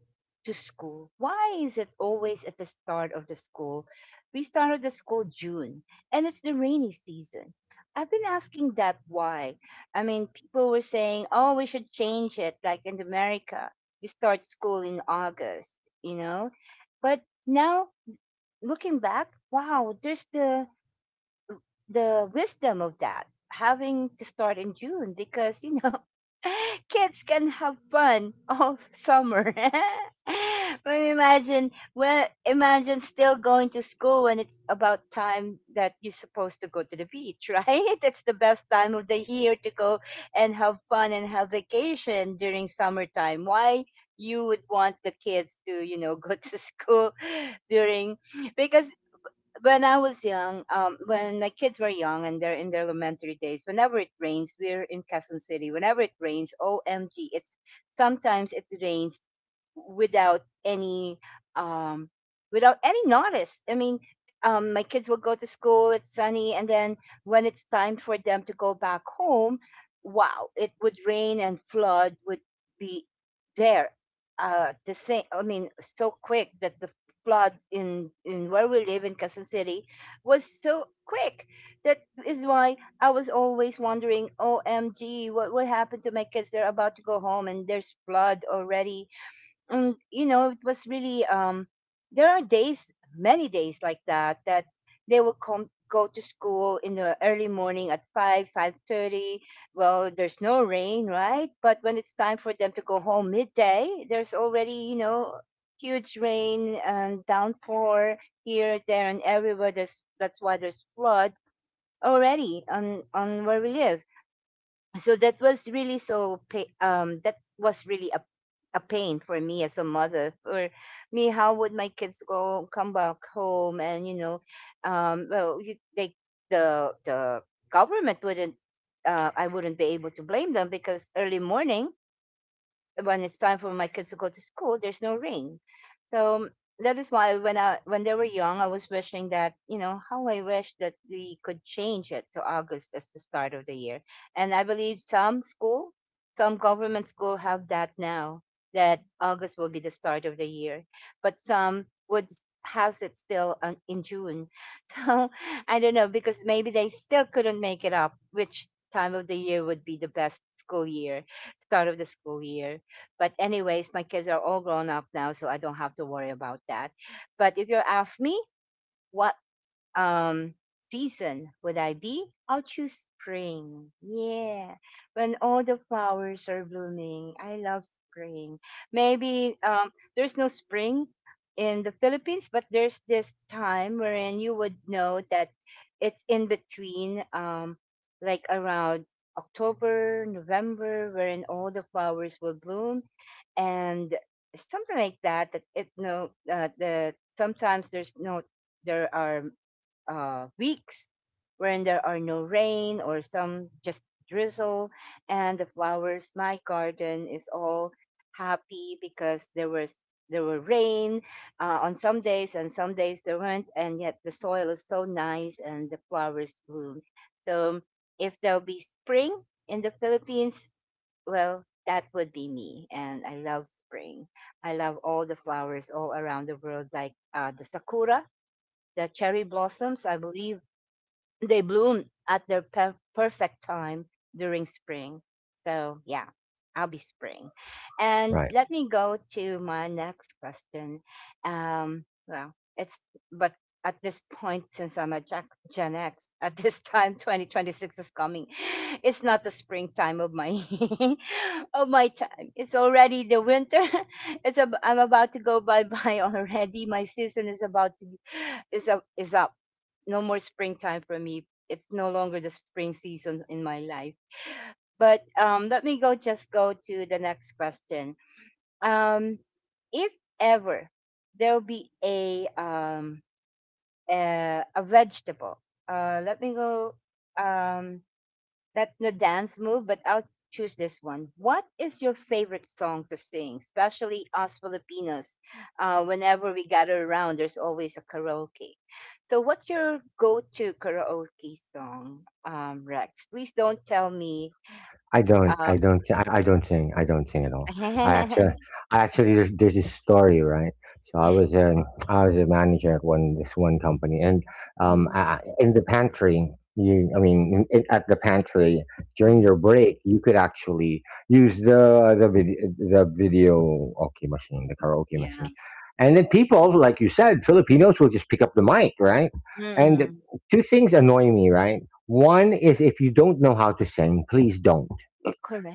Speaker 1: to school? Why is it always at the start of the school? We started the school June, and it's the rainy season. I've been asking that why. I mean, people were saying, "Oh, we should change it." Like in America, you start school in August, you know. But now, looking back, wow, there's the wisdom of that having to start in June because you know kids can have fun all summer. But imagine, still going to school when it's about time that you're supposed to go to the beach, right? That's the best time of the year to go and have fun and have vacation during summertime. Why you would want the kids to, you know, go to school during, because when I was young, when my kids were young and they're in their elementary days, whenever it rains, we're in Quezon City. Whenever it rains, OMG, it's, sometimes it rains without any um without any notice. I mean, my kids will go to school, it's sunny, and then when it's time for them to go back home, wow, it would rain and flood would be there. The same, I mean, so quick that the flood in where we live in Quezon City was so quick. That is why I was always wondering, OMG, what happened to my kids? They're about to go home and there's flood already, and you know it was really there are days, many days like that, that they will come, go to school in the early morning at 5 5:30. Well, there's no rain, right? But when it's time for them to go home midday, there's already, you know, huge rain and downpour here, there, and everywhere. There's, that's why there's flood already on where we live. So that was really so that was really a pain for me, as a mother, for me. How would my kids go, come back home? And you know, well, you, they, the government wouldn't, I wouldn't be able to blame them, because early morning, when it's time for my kids to go to school, there's no ring. So that is why when I when they were young, I was wishing that, you know, how I wish that we could change it to August as the start of the year. And I believe some school, some government school have that now, that August will be the start of the year, but some would, has it still on, in June. So I don't know, because maybe they still couldn't make it up which time of the year would be the best school year, start of the school year. But anyways, my kids are all grown up now, so I don't have to worry about that. But if you ask me, what um season would I be? I'll choose spring. Yeah. When all the flowers are blooming, I love spring. Maybe there's no spring in the Philippines, but there's this time wherein you would know that it's in between, like around October, November, wherein all the flowers will bloom, and something like that. That it, no, the, sometimes there's no, there are, weeks when there are no rain or some just drizzle, and the flowers, my garden is all happy because there was, there were rain on some days, and some days there weren't, and yet the soil is so nice and the flowers bloom. So if there'll be spring in the Philippines, well, that would be me, and I love spring. I love all the flowers all around the world, like the sakura, the cherry blossoms. I believe they bloom at their perfect time during spring. So, yeah, I'll be spring. And
Speaker 2: Right.
Speaker 1: let me go to my next question. Well, it's, but at this point, since I'm a Jack, Gen X, at this time, 2026 is coming. It's not the springtime of my of my time. It's already the winter. It's a, I'm about to go bye bye already. My season is about to be, is up. No more springtime for me. It's no longer the spring season in my life. But let me go just go to the next question. Um, if ever there'll be a vegetable, let me go. Um, not the dance move, but I'll choose this one. What is your favorite song to sing, especially us Filipinos? Whenever we gather around, there's always a karaoke. So, what's your go-to karaoke song, Rex? Please don't tell me. Uh,
Speaker 2: I don't sing. I don't sing at all. I actually, I actually, there's this story, right? So I was a manager at one this one company, and
Speaker 1: mhm,
Speaker 2: in the pantry, you, I mean, in, at the pantry during your
Speaker 1: mhm,
Speaker 2: break, you could actually use the video the karaoke machine,
Speaker 1: yeah.
Speaker 2: and then people, like you said, Filipinos will just pick up the mic, right? And
Speaker 1: Mm-mm.
Speaker 2: two things annoy me, right? One is if you don't know how to sing, please don't.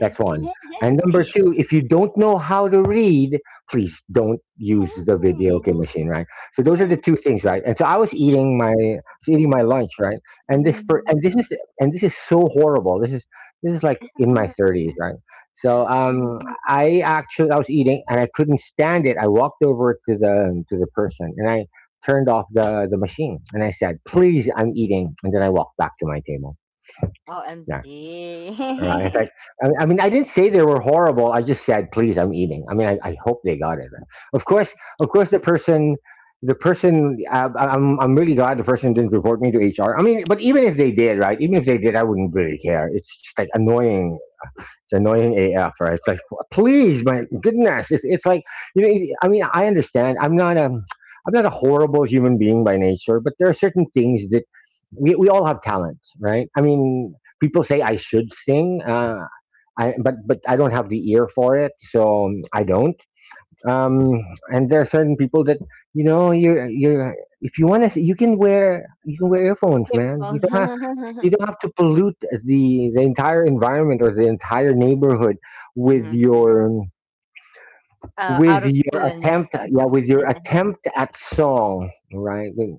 Speaker 2: That's one. And number two, if you don't know how to read, please don't use the video game machine, right? So those are the two things, right? And so I was eating my lunch, right? And this is so horrible. This is like in my thirties, right? So
Speaker 1: Mm.
Speaker 2: I was eating and I couldn't stand it. I walked over to the person and I turned off the machine and I said, "Please, I'm eating," and then I walked back to my table. Yeah. Right. In fact,
Speaker 1: OMG.
Speaker 2: I mean, I didn't say they were horrible. I just said, please, I'm eating. I mean, I hope they got it. Of course, of course, the person, I- I'm really glad the person didn't report me to HR. I mean, but even if they did, right? Even if they did, I wouldn't really care. It's just like annoying it's annoying AF, right? It's like, please, my goodness. It's like, I mean, I understand. I'm not a horrible human being by nature, but there are certain things that we all have talents, right? I mean, people say I should sing, but I don't have the ear for it, so I don't. Um, and there are certain people that, you know, you, you, if you want to, you can wear earphones,
Speaker 1: Your
Speaker 2: man.
Speaker 1: phone.
Speaker 2: You don't have to pollute the entire environment or the entire neighborhood with your
Speaker 1: Oh, out of tune.
Speaker 2: with your attempt at song, right.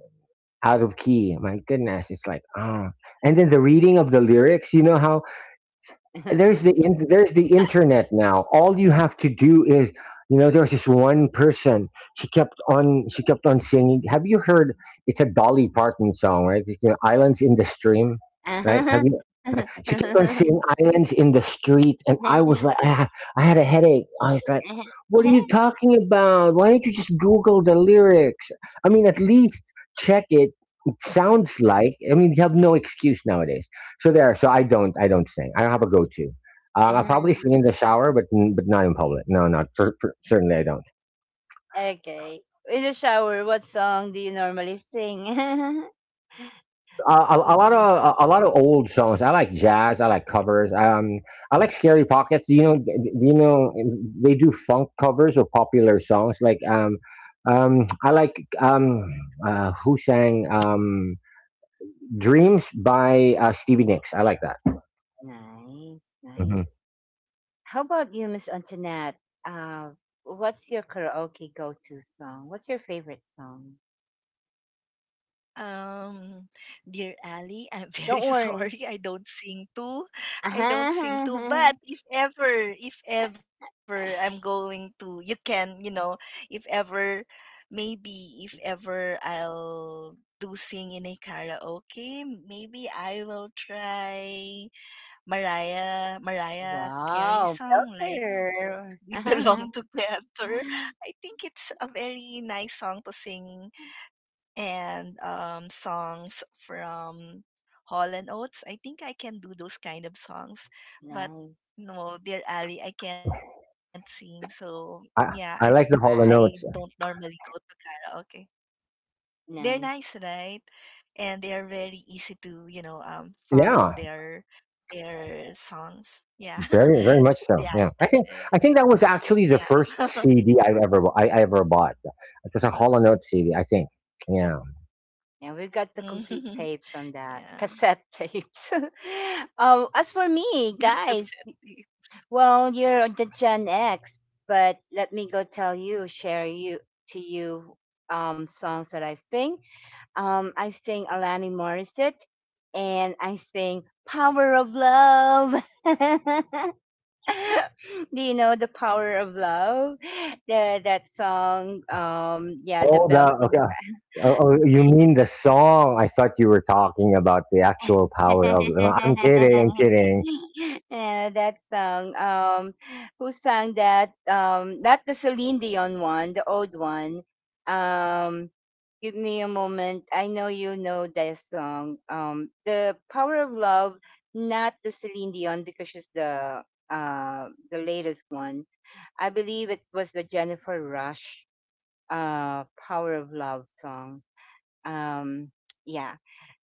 Speaker 2: Out of key, my goodness, it's like, and then the reading of the lyrics, you know how there's the internet now. All you have to do is. There was this one person. She kept on singing. Have you heard? It's a Dolly Parton song, right? You know, Islands in the Stream, right? Have you? Right? She kept on singing Islands in the Street, and I was like, I had a headache. I was like, what are you talking about? Why don't you just Google the lyrics? I mean, at least check it. It sounds like. I mean, you have no excuse nowadays. So there. So I don't. I don't sing. I don't have a go-to. I probably sing in the shower, but but not in public. No, not for certainly. I don't.
Speaker 1: Okay. In the shower, what song do you normally sing?
Speaker 2: Uh, a, a lot
Speaker 1: Mm.
Speaker 2: of a lot of old songs. I like jazz. I like covers. I like Scary Pockets. You know, you know, they do funk covers of popular songs. Like I like who sang "Dreams" by Stevie Nicks. I like that.
Speaker 1: Nice,
Speaker 2: hmm
Speaker 1: nice. How about you, Miss Antoinette? Uh, what's your karaoke go to song? What's your favorite song?
Speaker 3: Um, dear Ali, I'm very
Speaker 1: Don't worry.
Speaker 3: sorry, I don't sing too. I don't sing too, but if ever, I'm going to, you can, you know, if ever, maybe if ever I'll do sing in a karaoke, maybe I will try Mariah
Speaker 1: Wow,
Speaker 3: Carey song, like
Speaker 1: filter.
Speaker 3: "We Belong Together." I think it's a very nice song to sing, and, songs from Hall & and Oates. I think I can do those kind of songs,
Speaker 1: Nice,
Speaker 3: but no, Dear Ali, I can't sing. So,
Speaker 2: I
Speaker 3: yeah,
Speaker 2: I like the Hall of
Speaker 3: I
Speaker 2: Notes.
Speaker 3: don't normally go to karaoke.
Speaker 1: nice.
Speaker 3: They're nice, right? And they are very easy to, you know,
Speaker 2: Yeah,
Speaker 3: follow their songs.
Speaker 2: very, very
Speaker 3: Yeah.
Speaker 2: much so. Yeah,
Speaker 3: Yeah,
Speaker 2: I think that
Speaker 3: that's
Speaker 2: was
Speaker 3: it.
Speaker 2: actually the
Speaker 3: Yeah.
Speaker 2: first CD I've ever I ever bought. It was a
Speaker 1: Wow.
Speaker 2: Hollow Note CD, I think. Yeah.
Speaker 1: Yeah, we've got the complete tapes on
Speaker 3: Mhm.
Speaker 1: that. Cassette
Speaker 3: Yeah.
Speaker 1: tapes. As for me, guys,
Speaker 3: Yeah, Cassette.
Speaker 1: well, you're the Gen X, but let me go tell you, share you to you songs that I sing. I sing Alani Morissette and I sing Power of Love. Do you know the power of love? The, that song, yeah, the
Speaker 2: Oh, the,
Speaker 1: belting.
Speaker 2: okay. Oh, you mean the song? I thought you were talking about the actual power of. No, I'm kidding. I'm kidding.
Speaker 1: Yeah, that song. Who sang that? Not the Celine Dion one, the old one. Um, give me a moment. I know you know that song. The power of love, not the Celine Dion because she's the latest one. I believe it was the Jennifer Rush power of love song, um yeah.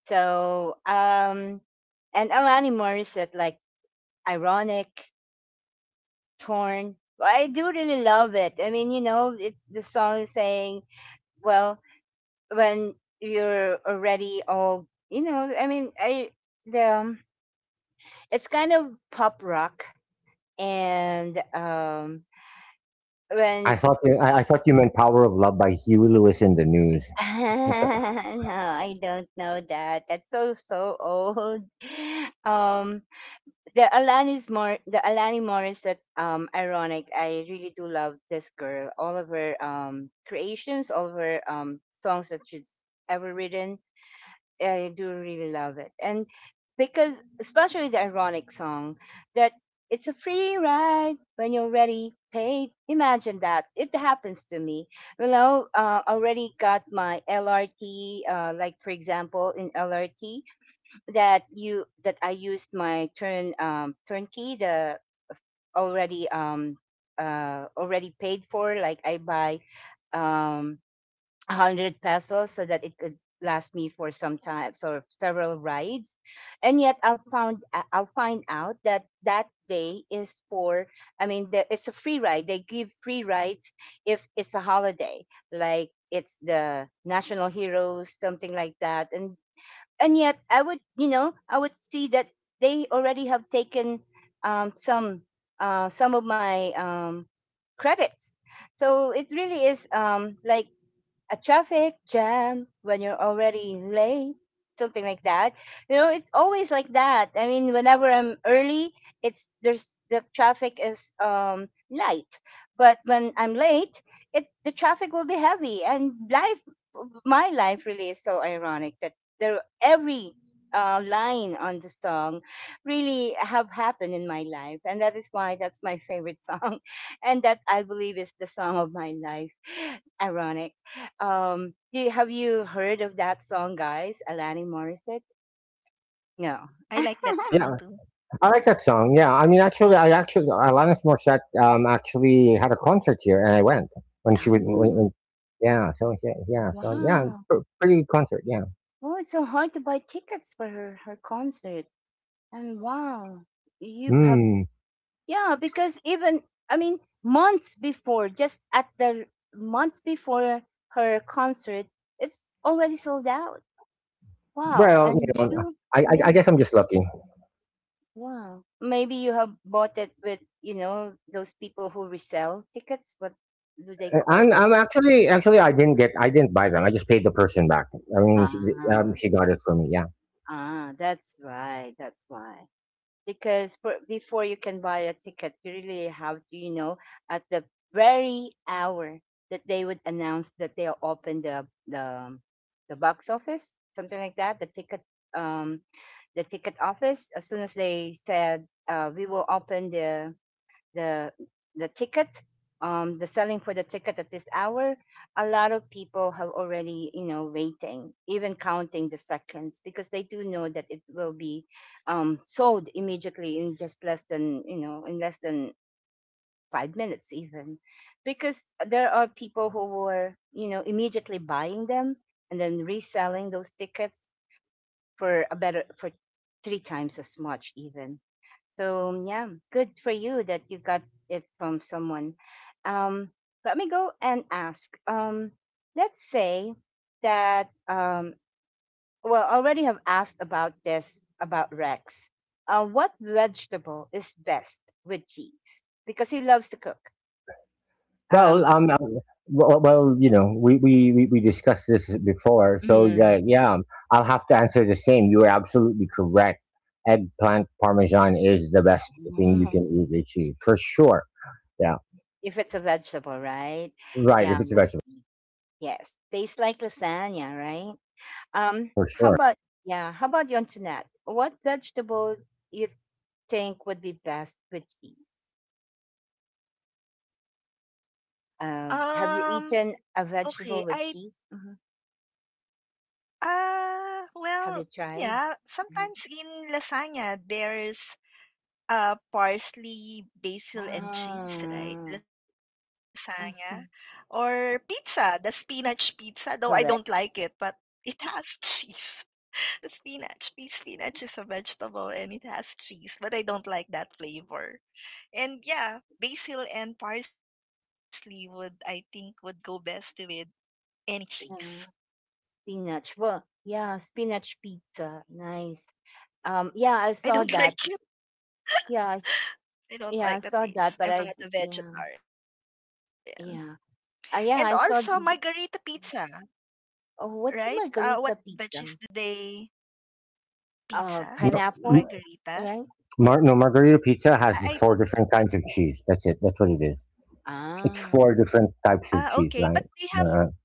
Speaker 1: So and Alani Morissette, like ironic, torn. But I do really love it. I mean, you know it, the song is saying, well, when you're already all, you know, I mean, I, the, it's kind of pop rock, and when,
Speaker 2: I thought you meant "Power of Love" by Huey Lewis in the News.
Speaker 1: no, I don't know that, that's so so old. um the Alani Morissette ironic. I really do love this girl. All of her creations, all of her songs that she's ever written. I do really love it. And because, especially the ironic song, that it's a free ride when you're ready paid. Imagine that. It happens to me. You know, already got my LRT, like for example, in LRT, that you, that I used my turnkey, the, already, uh, already paid for, like I buy um 100 pesos so that it could last me for some time, so several rides. And yet I'll found, I'll find out that that day is for, I mean the, it's a free ride, they give free rides if it's a holiday, like it's the national heroes, something like that. And yet I would, you know, I would see that they already have taken some, some of my credits. So it really is like a traffic jam when you're already late, something like that. You know, it's always like that, I mean, whenever I'm early, it's, there's, the traffic is light, but when I'm late, it, the traffic will be heavy, and life, my life really is so ironic, that there, every line on the song really have happened in my life, and that is why that's my favorite song. And that I believe is the song of my life, ironic. Do, have you heard of that song, guys? Alanis Morissette? No.
Speaker 2: Yeah,
Speaker 3: I like that
Speaker 2: I like
Speaker 3: song
Speaker 2: that
Speaker 3: too.
Speaker 2: song. Yeah, I mean, actually, I actually Alanis Morissette actually had a concert here, and I went when she would.
Speaker 1: Oh,
Speaker 2: When, yeah, so yeah, yeah, so yeah,
Speaker 1: wow.
Speaker 2: pr- pretty good concert. Yeah.
Speaker 1: Oh, it's so hard to buy tickets for her, her concert. And wow, you have,
Speaker 2: Hmm.
Speaker 1: yeah, because even, I mean, months before, just at the, months before her concert, it's already sold out. Wow.
Speaker 2: Well, you
Speaker 1: And
Speaker 2: know,
Speaker 1: you, yeah,
Speaker 2: I guess I'm just lucky.
Speaker 1: wow. Maybe you have bought it with, you know, those people who resell tickets. What do they call
Speaker 2: And
Speaker 1: those?
Speaker 2: I'm actually actually I didn't get I didn't buy them. I just paid the person back. I mean,
Speaker 1: Ah,
Speaker 2: she got it for me. Yeah.
Speaker 1: ah, that's right. That's why. Because for, before you can buy a ticket, you really have to, you know, at the very hour that they would announce that they'll open the box office, something like that, the ticket, um the ticket office. As soon as they said, we will open the the ticket, the selling for the ticket at this hour, a lot of people have already, you know, waiting, even counting the seconds, because they do know that it will be sold immediately in just less than, you know, in less than 5 minutes even, because there are people who were, you know, immediately buying them and then reselling those tickets for a better, for three times as much even. So yeah, good for you that you got it from someone. Um, let me go and ask. Let's say that well, I already have asked about this about Rex. What vegetable is best with cheese? Because he loves to cook.
Speaker 2: Well,
Speaker 1: Um,
Speaker 2: you know, we discussed this before, so
Speaker 1: Mm.
Speaker 2: that, yeah, I'll have to answer the same. You are absolutely correct. Eggplant parmesan is the best thing you can eat with cheese for sure. Yeah,
Speaker 1: if it's a vegetable, right?
Speaker 2: right. If
Speaker 1: Yeah,
Speaker 2: it's a
Speaker 1: with
Speaker 2: vegetable,
Speaker 1: cheese. Yes, tastes like lasagna, right?
Speaker 2: for
Speaker 1: How
Speaker 2: sure.
Speaker 1: about yeah? How about you, Antoinette? What vegetables you think would be best with cheese? Have you eaten
Speaker 3: Um,
Speaker 1: a vegetable with
Speaker 3: okay.
Speaker 1: cheese?
Speaker 3: I,
Speaker 1: Mhm. Have you tried?
Speaker 3: well,
Speaker 1: Mhm.
Speaker 3: yeah, sometimes in lasagna there's parsley, basil,
Speaker 1: Ah,
Speaker 3: and cheese, right?
Speaker 1: I see.
Speaker 3: Lasagna. Or pizza, the spinach pizza,
Speaker 1: Correct.
Speaker 3: though I don't like it, but it has cheese. The spinach. Spinach is a vegetable and it has cheese, but I don't like that flavor. And yeah, basil and parsley would, I think, would go best with any
Speaker 1: Yeah,
Speaker 3: cheese.
Speaker 1: spinach. Well, yeah, spinach pizza. Nice. Yeah, I saw that.
Speaker 3: I don't like it.
Speaker 1: Yeah, I, s- yeah, I saw that.
Speaker 3: I don't like the
Speaker 1: Yeah,
Speaker 3: taste. I'm not a
Speaker 1: yeah,
Speaker 3: vegetarian.
Speaker 1: yeah, I
Speaker 3: And
Speaker 1: saw.
Speaker 3: also margarita pizza.
Speaker 1: Oh, what's a margarita
Speaker 3: Right?
Speaker 1: pizza?
Speaker 3: What veggies do they
Speaker 2: No.
Speaker 1: Pineapple,
Speaker 3: pizza?
Speaker 1: right?
Speaker 2: No,
Speaker 3: Margarita?
Speaker 2: margarita pizza has the four different kinds of
Speaker 3: I
Speaker 2: cheese.
Speaker 3: don't,
Speaker 2: That's it. That's what it is. It's
Speaker 1: Ah,
Speaker 2: four different types of cheese,
Speaker 3: ah,
Speaker 2: right?
Speaker 3: okay. But they
Speaker 2: Uh,
Speaker 3: have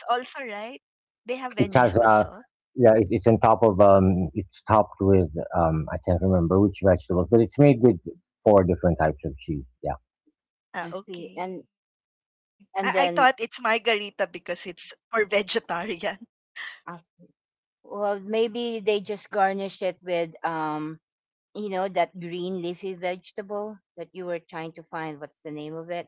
Speaker 3: veggies also, right?
Speaker 2: it
Speaker 1: mm,
Speaker 2: has
Speaker 3: They have veggies
Speaker 2: yeah, it,
Speaker 3: also?
Speaker 2: it's on top of it's topped with I can't remember which vegetables, but it's made with four different types of cheese. Yeah,
Speaker 1: I see. And
Speaker 3: Ah, okay.
Speaker 1: and
Speaker 3: I
Speaker 1: then
Speaker 3: thought it's margarita because it's for vegetarian.
Speaker 1: as well, maybe they just garnish it with you know, that green leafy vegetable that you were trying to find. What's the name of it?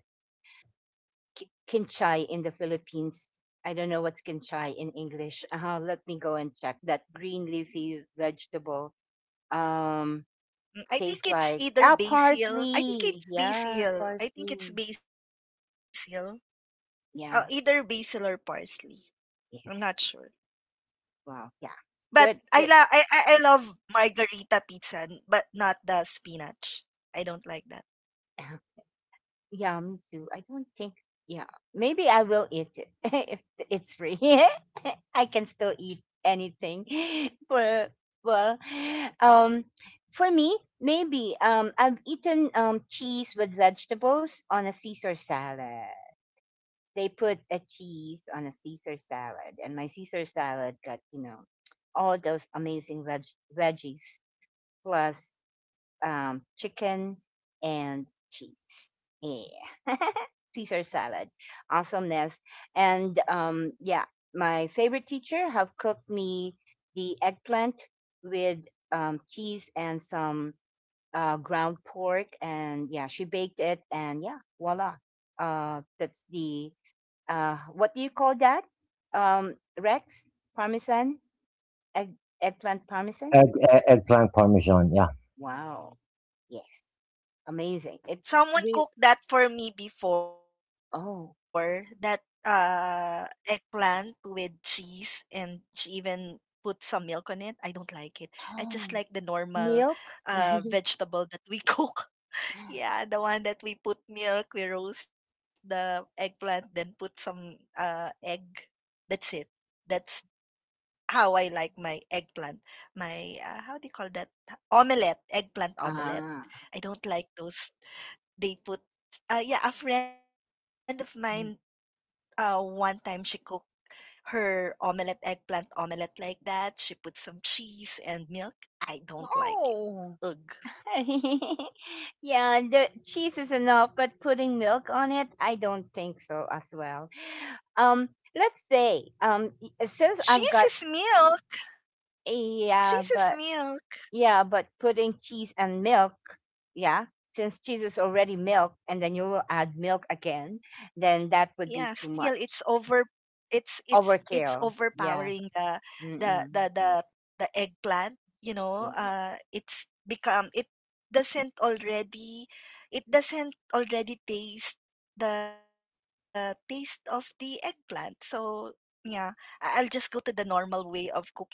Speaker 1: Kinchay in the Philippines. I don't know what's kinchay in English. Let me go and check. That green leafy vegetable um tastes like
Speaker 3: Mm, I
Speaker 1: ah
Speaker 3: think it's either
Speaker 1: parsley.
Speaker 3: basil. I think
Speaker 1: Yeah,
Speaker 3: it's
Speaker 1: parsley.
Speaker 3: basil. I think it's basil.
Speaker 1: Yeah.
Speaker 3: Either basil or parsley. I'm
Speaker 1: Yes.
Speaker 3: not sure.
Speaker 1: Wow. Yeah.
Speaker 3: But
Speaker 1: Good. Good.
Speaker 3: I, la- I love margarita pizza, but not the spinach. I don't like that.
Speaker 1: Yeah, me too. I don't think. Yeah, maybe I will eat it if it's free. I can still eat anything. For well, um, for me, maybe I've eaten cheese with vegetables on a Caesar salad. They put a cheese on a Caesar salad, and my Caesar salad got you know all those amazing veggies plus chicken and cheese. Yeah. Caesar salad. Awesomeness. And yeah, my favorite teacher have cooked me the eggplant with cheese and some ground pork. And yeah, she baked it. And yeah, voila. That's the, what do you call that? Rex? Parmesan? Egg, eggplant parmesan?
Speaker 2: egg, eggplant parmesan. Yeah.
Speaker 1: Wow. Yes. Amazing. It's
Speaker 3: Someone
Speaker 1: real
Speaker 3: cooked that for me before, that
Speaker 1: oh,
Speaker 3: eggplant with cheese, and she even put some milk on it. I don't like it. I just like the
Speaker 1: oh,
Speaker 3: normal
Speaker 1: milk?
Speaker 3: vegetable that we cook. Yeah, the one that we put milk, we roast the eggplant, then put some egg. That's it. That's how I like my eggplant. My how do you call that? Omelette, eggplant omelette.
Speaker 1: Ah.
Speaker 3: I don't like those. They put yeah a friend of mine,
Speaker 1: Mm.
Speaker 3: one time she cooked her omelette, eggplant omelette like that. She put some cheese and milk. I don't like it.
Speaker 1: Oh.
Speaker 3: Ugh.
Speaker 1: Yeah, the cheese is enough, but putting milk on it, I don't think so as well. Um, since I've
Speaker 3: Cheese
Speaker 1: got,
Speaker 3: is milk.
Speaker 1: yeah,
Speaker 3: Cheese is
Speaker 1: but,
Speaker 3: milk.
Speaker 1: yeah, but putting cheese and milk, yeah, since cheese is already milk and then you will add milk again,
Speaker 3: Yeah,
Speaker 1: then
Speaker 3: still
Speaker 1: that
Speaker 3: it's
Speaker 1: would be
Speaker 3: over
Speaker 1: too much.
Speaker 3: it's
Speaker 1: Overkill.
Speaker 3: overpowering
Speaker 1: Yeah.
Speaker 3: the the
Speaker 1: Mm-mm.
Speaker 3: the, the eggplant. You know,
Speaker 1: Yes.
Speaker 3: it's become doesn't already it doesn't already taste the taste of the eggplant. So yeah, I'll just go to the normal way of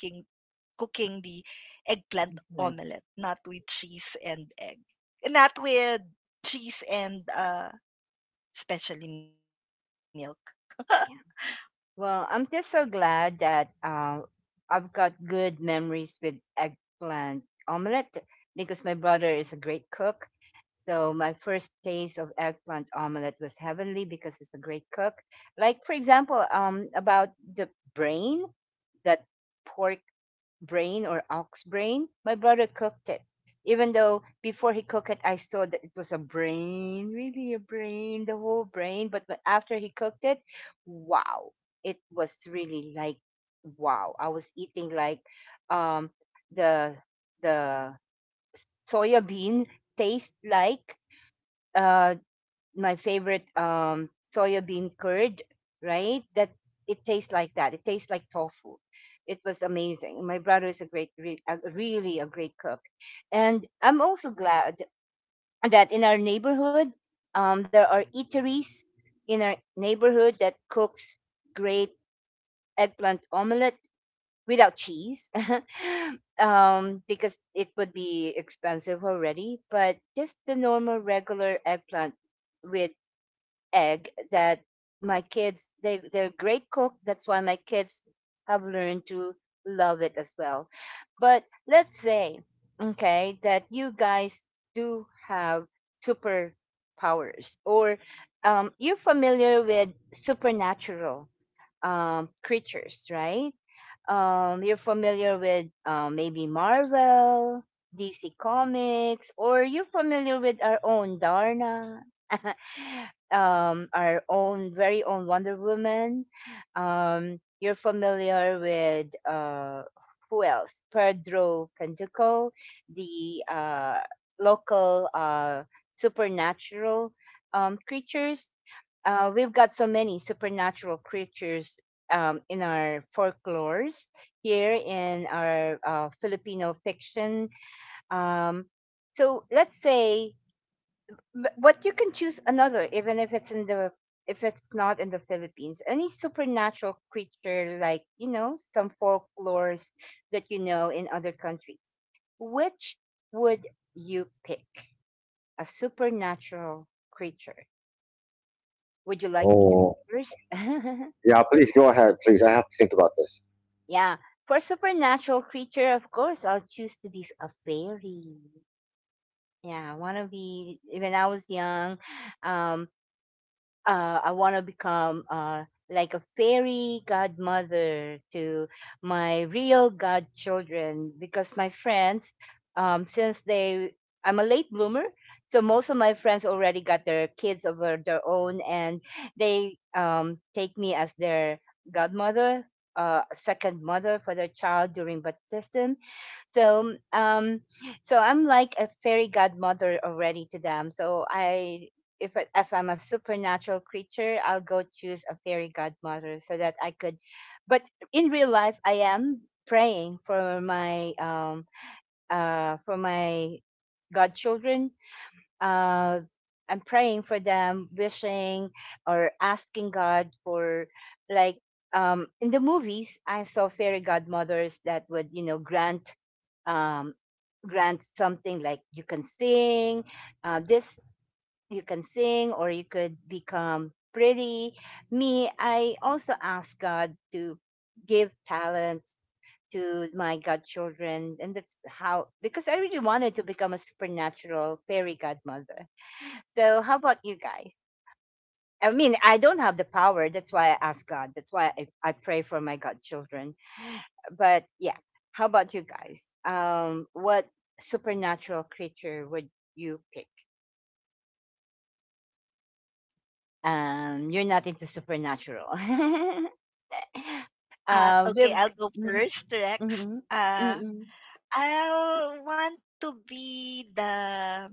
Speaker 3: cooking the eggplant
Speaker 1: Like
Speaker 3: omelette, not with cheese and egg, not
Speaker 1: that.
Speaker 3: with cheese and especially milk.
Speaker 1: Yeah. Well, I'm just so glad that I've got good memories with eggplant omelette because my brother is a great cook. So my first taste of eggplant omelette was heavenly because he's a great cook. Like for example, about the brain, that pork brain or ox brain. My brother cooked it. Even though before he cooked it, I saw that it was a brain, really a brain, the whole brain. After he cooked it, wow, it was really like wow. I was eating like um, the the soya bean taste like uh, my favorite soya bean curd, right? That it tastes like that. It tastes like tofu. It was amazing. My brother is a great, re- a, really a great cook, and I'm also glad that in our neighborhood, there are eateries in our neighborhood that cooks great eggplant omelette without cheese, because it would be expensive already. But just the normal, regular eggplant with egg that my kids they they're great cook. That's why my kids have learned to love it as well. But let's say, okay, that you guys do have superpowers or you're familiar with supernatural creatures, right? You're familiar with maybe Marvel, DC Comics, or you're familiar with our own Darna. Our own very own Wonder Woman. You're familiar with who else? Pedro Penteco, the local supernatural creatures. We've got so many supernatural creatures in our folklores here in our Filipino fiction. Um, so but you can choose another, even if it's in the if it's not in the Philippines. Any supernatural creature, like you know, some folklores that you know in other countries. Which would you pick? A supernatural creature. Would you like me to go
Speaker 2: Oh,
Speaker 1: first?
Speaker 2: yeah. Please go ahead. Please, I have to think about this.
Speaker 1: Yeah. For supernatural creature, of course, I'll choose to be a fairy. Yeah, I want to be. When I was young, um, I want to become like a fairy godmother to my real godchildren because my friends, um, since they, I'm a late bloomer, so most of my friends already got their kids of their own, and they take me as their godmother, second mother for their child during baptism. So, so I'm like a fairy godmother already to them. If I'm a supernatural creature, I'll go choose a fairy godmother so that I could. But in real life, I am praying for my godchildren. Uh, I'm praying for them, wishing or asking God for like in the movies I saw fairy godmothers that would you know um grant something like you can sing this you can sing or you could become pretty. Me, I also ask God to give talents to my godchildren. And that's how, because I really wanted to become a supernatural fairy godmother. So, how about you guys? I mean, I don't have the power. That's why I ask God. That's why I pray for my godchildren. But yeah, how about you guys? What supernatural creature would you pick? You're not into supernatural.
Speaker 3: Okay,
Speaker 1: We've
Speaker 3: I'll go
Speaker 1: mm-hmm,
Speaker 3: first, Rex.
Speaker 1: mm-hmm,
Speaker 3: I'll want to be the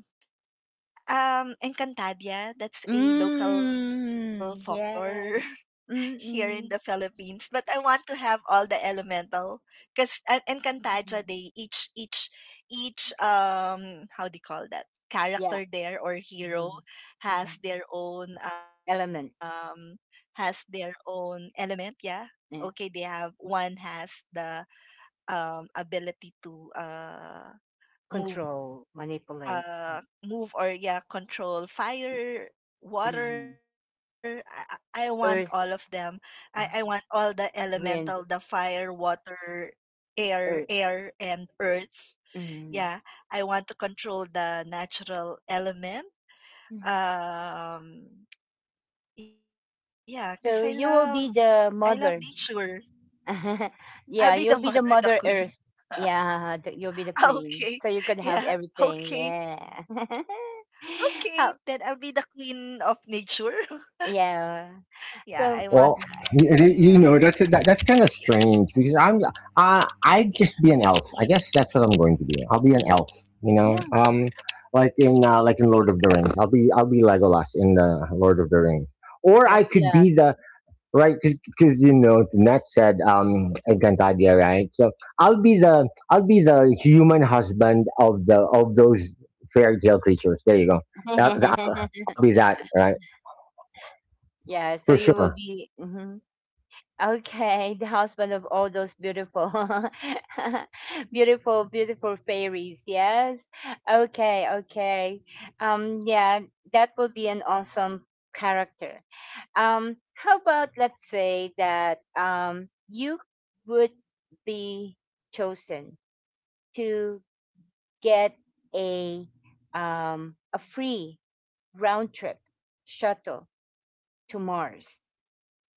Speaker 3: Encantadia. That's a local folklore
Speaker 1: mm, yes,
Speaker 3: here in the
Speaker 1: mm-hmm,
Speaker 3: Philippines, but I want to have all the elemental. Because in Cantaja, they each how do you call that, character
Speaker 1: yeah,
Speaker 3: there or hero,
Speaker 1: mm-hmm,
Speaker 3: has
Speaker 1: mm-hmm.
Speaker 3: their own um
Speaker 1: Elements.
Speaker 3: has their own element. Yeah, okay, they
Speaker 1: Yeah.
Speaker 3: have one, has the ability to move
Speaker 1: Control, manipulate.
Speaker 3: move, or yeah, control fire, water.
Speaker 1: Mhm.
Speaker 3: I want all of them.
Speaker 1: Earth.
Speaker 3: I want all the
Speaker 1: Uh,
Speaker 3: elemental, the
Speaker 1: wind,
Speaker 3: fire, water,
Speaker 1: earth.
Speaker 3: air, and earth. Yeah,
Speaker 1: Mhm,
Speaker 3: I want to control the natural element.
Speaker 1: mhm.
Speaker 3: um yeah, because
Speaker 1: So you will
Speaker 3: I
Speaker 1: be
Speaker 3: love
Speaker 1: the
Speaker 3: nature.
Speaker 1: mother.
Speaker 3: I'll be the
Speaker 1: Yeah,
Speaker 3: mother,
Speaker 1: you'll be
Speaker 3: the
Speaker 1: the
Speaker 3: queen.
Speaker 1: Mother Earth. Yeah, you'll be the
Speaker 3: Okay,
Speaker 1: queen. So you could
Speaker 3: yeah,
Speaker 1: have everything.
Speaker 3: okay.
Speaker 1: Yeah.
Speaker 3: Okay,
Speaker 1: How,
Speaker 3: then I'll be the queen of nature. Yeah,
Speaker 1: yeah.
Speaker 3: I want,
Speaker 1: So,
Speaker 3: you
Speaker 2: Well,
Speaker 1: mm,
Speaker 3: know,
Speaker 2: you know that's kind of strange because I'm I'd just be an elf. I guess that's what I'm going to be. I'll be an
Speaker 1: mm,
Speaker 2: elf. You know,
Speaker 1: yeah,
Speaker 2: like in Lord of the Rings. I'll be Legolas in the Lord of the Rings, or I
Speaker 1: that
Speaker 2: could be
Speaker 1: last.
Speaker 2: the right, because you know Net said Encantadia, right? So I'll be the human husband of the of those fairy tale creatures. There you go. That, that, I'll be that, right,
Speaker 1: Yeah, so
Speaker 2: for
Speaker 1: you will
Speaker 2: sure.
Speaker 1: be. Mhm. Okay, the husband of all those beautiful, beautiful, beautiful fairies. Yes. Okay. Okay. Yeah, that would be an awesome character. How about let's say that you would be chosen to get a a free round trip shuttle to Mars.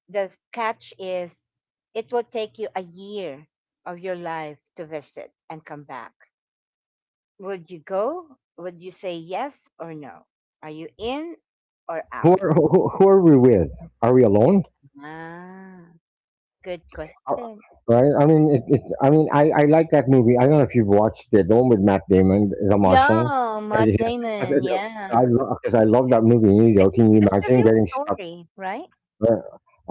Speaker 1: The catch is it will take you a year of your life to visit and come back. Would you go? Would you say yes or no? Are you in or out?
Speaker 2: Who are we with? Are we alone?
Speaker 1: Ah, good
Speaker 2: Are-
Speaker 1: question.
Speaker 2: Right? I mean, it, I mean, I like that movie. I don't know if you've watched it, the one with Matt Damon, The Martian.
Speaker 1: Yeah, Matt Damon.
Speaker 2: Because I,
Speaker 1: Yeah,
Speaker 2: lo- 'Cause I love that movie. You know, can you
Speaker 1: it's the
Speaker 2: imagine
Speaker 1: real
Speaker 2: getting stuck?
Speaker 1: story, right?
Speaker 2: Uh,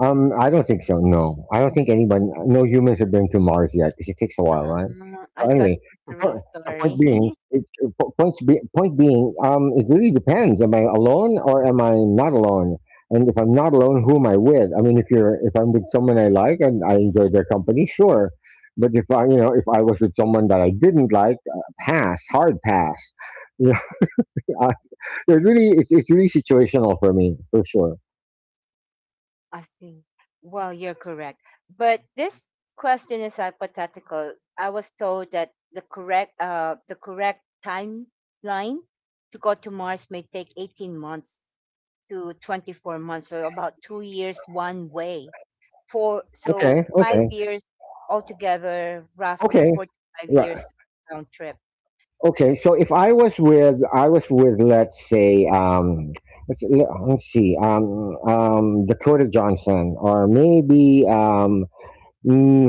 Speaker 2: I don't think so. No, I don't think anyone, no humans have been to Mars yet because it takes a while, right?
Speaker 1: Ah,
Speaker 2: So
Speaker 1: I
Speaker 2: anyway,
Speaker 1: thought it was
Speaker 2: the
Speaker 1: the real
Speaker 2: po- the point
Speaker 1: story.
Speaker 2: being, it really depends. Am I alone or am I not alone? And if I'm not alone, who am I with? I mean, if I'm with someone I like and I enjoy their company, sure. But if I was with someone that I didn't like, pass, hard pass. Yeah, I- it's really situational for me, for sure.
Speaker 1: I see. Well, you're correct. But this question is hypothetical. I was told that the correct timeline to go to Mars may take 18 months to 24 months, so about 2 years one way. Four so
Speaker 2: Okay,
Speaker 1: five
Speaker 2: okay,
Speaker 1: years altogether, roughly
Speaker 2: okay.
Speaker 1: four to five
Speaker 2: Yeah,
Speaker 1: years round trip.
Speaker 2: okay, so if I was with, I was with, let's say, let's see, Dakota Johnson, or maybe, mm,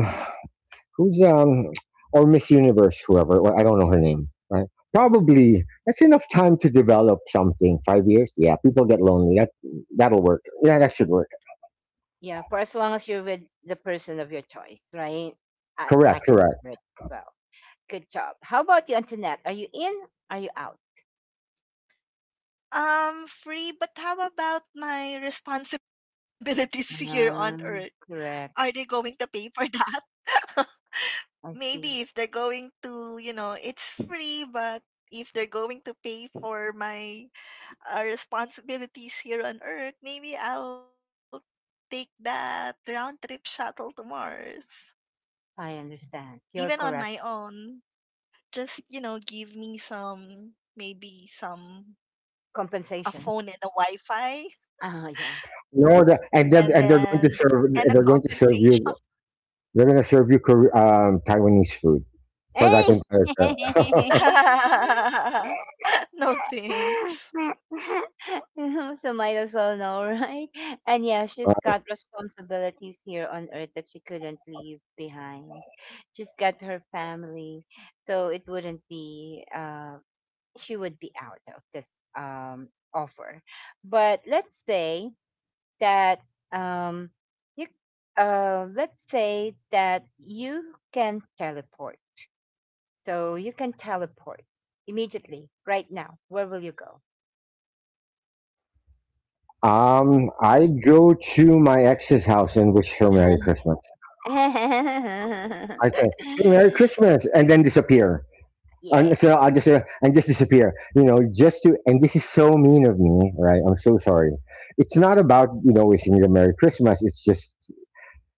Speaker 2: who's, um, or Miss Universe, whoever. Well, I don't know her name, right? Probably that's enough time to develop something. 5 years, yeah. People get lonely. That'll work. Yeah, that should work.
Speaker 1: Yeah, for as long as you're with the person of your choice, right? I
Speaker 2: Correct,
Speaker 1: can
Speaker 2: correct.
Speaker 1: remember it well. Good job. How about you, Antoinette? Are you in? Are you out?
Speaker 3: free, but how about my responsibilities here on Earth? Are they going
Speaker 1: Correct.
Speaker 3: to pay for that?
Speaker 1: I
Speaker 3: Maybe if they're
Speaker 1: see.
Speaker 3: going to, you know, it's free, but if they're going to pay for my responsibilities here on Earth, maybe I'll take that round trip shuttle to Mars.
Speaker 1: I
Speaker 3: Even
Speaker 1: understand.
Speaker 3: on
Speaker 1: You're
Speaker 3: my
Speaker 1: correct.
Speaker 3: own, just, you know, give me some, maybe some, a
Speaker 1: Compensation.
Speaker 3: phone and a Wi Fi.
Speaker 1: Oh, yeah.
Speaker 3: And
Speaker 2: No, the,
Speaker 3: then
Speaker 2: and they're
Speaker 3: and a
Speaker 2: going to serve. They're
Speaker 3: compensation.
Speaker 2: going to serve you. They're going to serve you Taiwanese food for that
Speaker 1: Hey!
Speaker 2: entire trip.
Speaker 3: No thanks.
Speaker 1: So might as well know, right? And yeah, she's got responsibilities here on earth that she couldn't leave behind. She's got her family, so it wouldn't be she would be out of this offer. But let's say that um, you, let's say that you can teleport. So you can teleport immediately, right now. Where will you go?
Speaker 2: I go to my ex's house and wish her Merry Christmas. I say, "Hey, Merry Christmas," and then disappear. And
Speaker 1: Yeah.
Speaker 2: so I just say, and just disappear. You know, just to and this is so mean of me, right? I'm so sorry. It's not about wishing them Merry Christmas.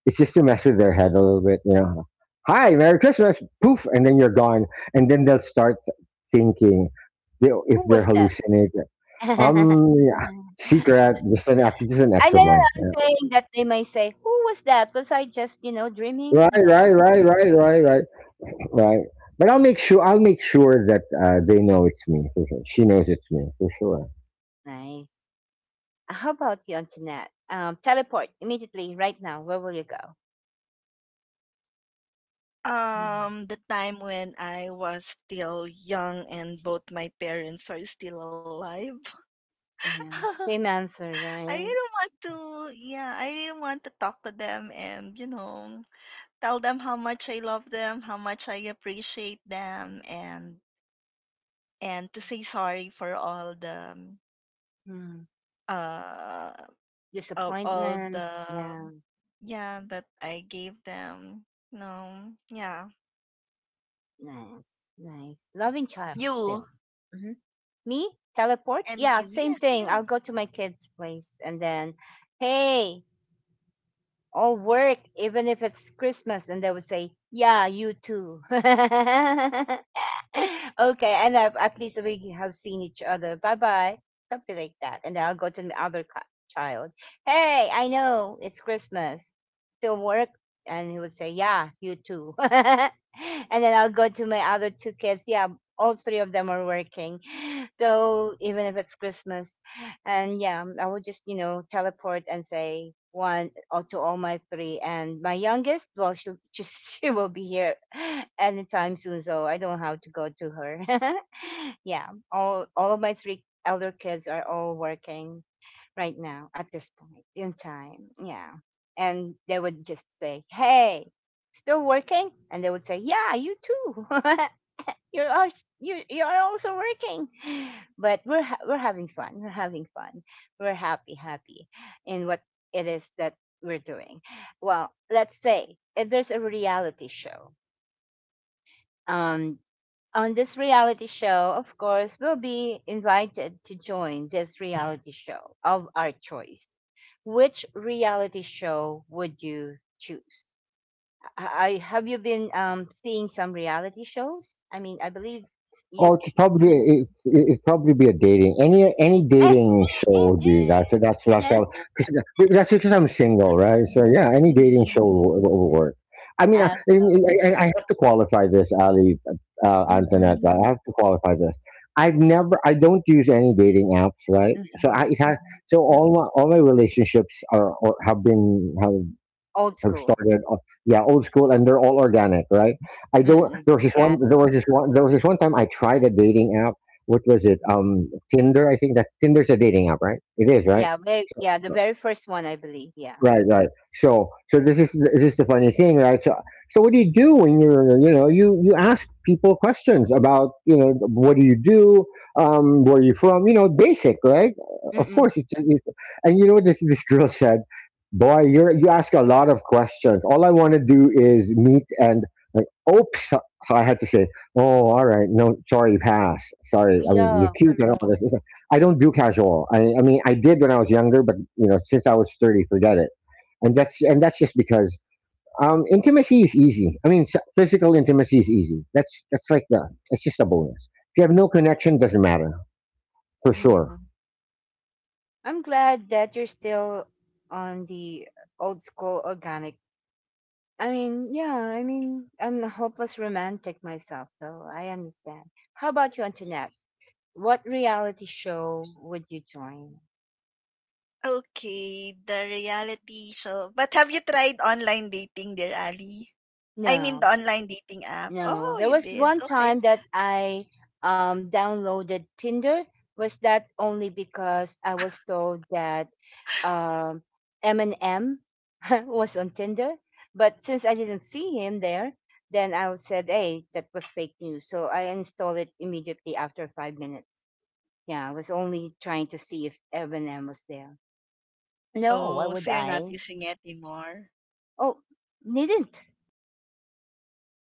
Speaker 2: It's just to mess with their head a little bit. You know, hi, Merry Christmas, poof, and then you're gone, and then they'll start thinking if
Speaker 1: Who
Speaker 2: they're
Speaker 1: was that?
Speaker 2: hallucinating.
Speaker 1: I
Speaker 2: Yeah, secret. This is an ex of
Speaker 1: know
Speaker 2: mine.
Speaker 1: that I'm
Speaker 2: Yeah.
Speaker 1: saying that they may say, "Who was that? Was I just, you know, dreaming?"
Speaker 2: Right,
Speaker 1: Yeah.
Speaker 2: right, right, right, right, right, right. But I'll make sure that they know it's me. For sure. She knows it's me for sure.
Speaker 1: Nice. How about you, Antoinette? Teleport immediately, right now. Where will you go? Hmm.
Speaker 3: The time when I was still young and both my parents are still alive.
Speaker 1: Yeah, same answer,
Speaker 3: I
Speaker 1: right?
Speaker 3: really want to, yeah, I really want to talk to them and, you know, tell them how much I love them, how much I appreciate them, and to say sorry for all the
Speaker 1: Hmm.
Speaker 3: uh of all the
Speaker 1: Disappointment. Yeah,
Speaker 3: yeah that I gave them. No, yeah,
Speaker 1: nice, nice. Loving child
Speaker 3: you
Speaker 1: still. Hmm. Me? Teleport?
Speaker 3: and
Speaker 1: Yeah,
Speaker 3: you,
Speaker 1: same
Speaker 3: yes,
Speaker 1: thing. I'll
Speaker 3: you.
Speaker 1: go to my kid's place and then, hey, or work, even if it's Christmas, and they would say, "Yeah, you too." Okay, and I've, at least we have seen each other. Bye bye, something like that, and then I'll go to the other child. Hey, I know it's Christmas. Still work, and he would say, "Yeah, you too." And then I'll go to my other two kids. Yeah, all three of them are working, so even if it's Christmas and yeah, I would just you know teleport and say one or to all my three, and my youngest, well, she'll just she will be here anytime soon, so I don't have to go to her. Yeah, all of my three elder kids are all working, right now at this point in time. Yeah. And they would just say, hey, still working? And they would say, yeah, you too. You are also working, but we're having fun, we're happy, in what it is that we're doing. Well, let's say if there's a reality show, um on this reality show, of course, we'll be invited to join this reality show of our choice. Which reality show would you choose? Have you been seeing some reality shows? I mean, I believe
Speaker 2: Oh,
Speaker 1: you
Speaker 2: it's probably
Speaker 1: see
Speaker 2: it'd probably be a dating any
Speaker 1: some.
Speaker 2: dating show would be that. So that's how, cause, that's because I'm single, right? So yeah, any dating show will work. I mean,
Speaker 1: Awesome.
Speaker 2: I have to qualify this, Ali, Antoinette.
Speaker 1: Mm-mm,
Speaker 2: Right? I have to qualify this. I don't use any dating apps, right? So
Speaker 1: mm-mm, mm-mm.
Speaker 2: all my relationships are or have been
Speaker 1: Old
Speaker 2: have
Speaker 1: school.
Speaker 2: started yeah old school, and they're all organic, right. I don't
Speaker 1: Mm-mm. Okay.
Speaker 2: There was this one time I tried a dating app. What was it?
Speaker 1: Mhm.
Speaker 2: Tinder, I think. That Tinder's a dating app, right? It is, right.
Speaker 1: Yeah, very,
Speaker 2: So,
Speaker 1: yeah, the very first one, I believe. Yeah.
Speaker 2: right, right. So, this is the funny thing, right? So, what do you do when you're you ask people questions about what do you do, where are you from basic, right? Of
Speaker 1: Mm-mm.
Speaker 2: course, it's and this girl said, "Boy, you ask a lot of questions. All I want to do is meet and like, oops." So I had to say, "Oh, all right, no, sorry, pass. Sorry. I mean, you're
Speaker 1: Yeah,
Speaker 2: cute and all
Speaker 1: correct.
Speaker 2: this. I don't do casual. I mean, I did when I was younger, but you know, since I was 30, forget it, and that's just because intimacy is easy. I mean, physical intimacy is easy. That's like the It's just a bonus. If you have no connection, doesn't matter, for sure.
Speaker 1: Yeah. I'm glad that you're still on the old school organic. I mean, I'm a hopeless romantic myself, so I understand. How about you, Antoinette? What reality show would you join?
Speaker 3: Okay, the reality show. But have you tried online dating, dear Ali? I mean, the
Speaker 1: No.
Speaker 3: online dating app.
Speaker 1: No,
Speaker 3: Oh,
Speaker 1: there
Speaker 3: you
Speaker 1: was
Speaker 3: did.
Speaker 1: one
Speaker 3: Okay.
Speaker 1: time that I downloaded Tinder. Was that only because I was told that um, Eminem was on Tinder? But since I didn't see him there, then I was said, "Hey, that was fake news." So I installed it immediately after 5 minutes. Yeah, I was only trying to see if Eminem was there. No,
Speaker 3: Oh,
Speaker 1: why
Speaker 3: so
Speaker 1: would
Speaker 3: you're not
Speaker 1: I?
Speaker 3: using it anymore.
Speaker 1: Oh, needn't,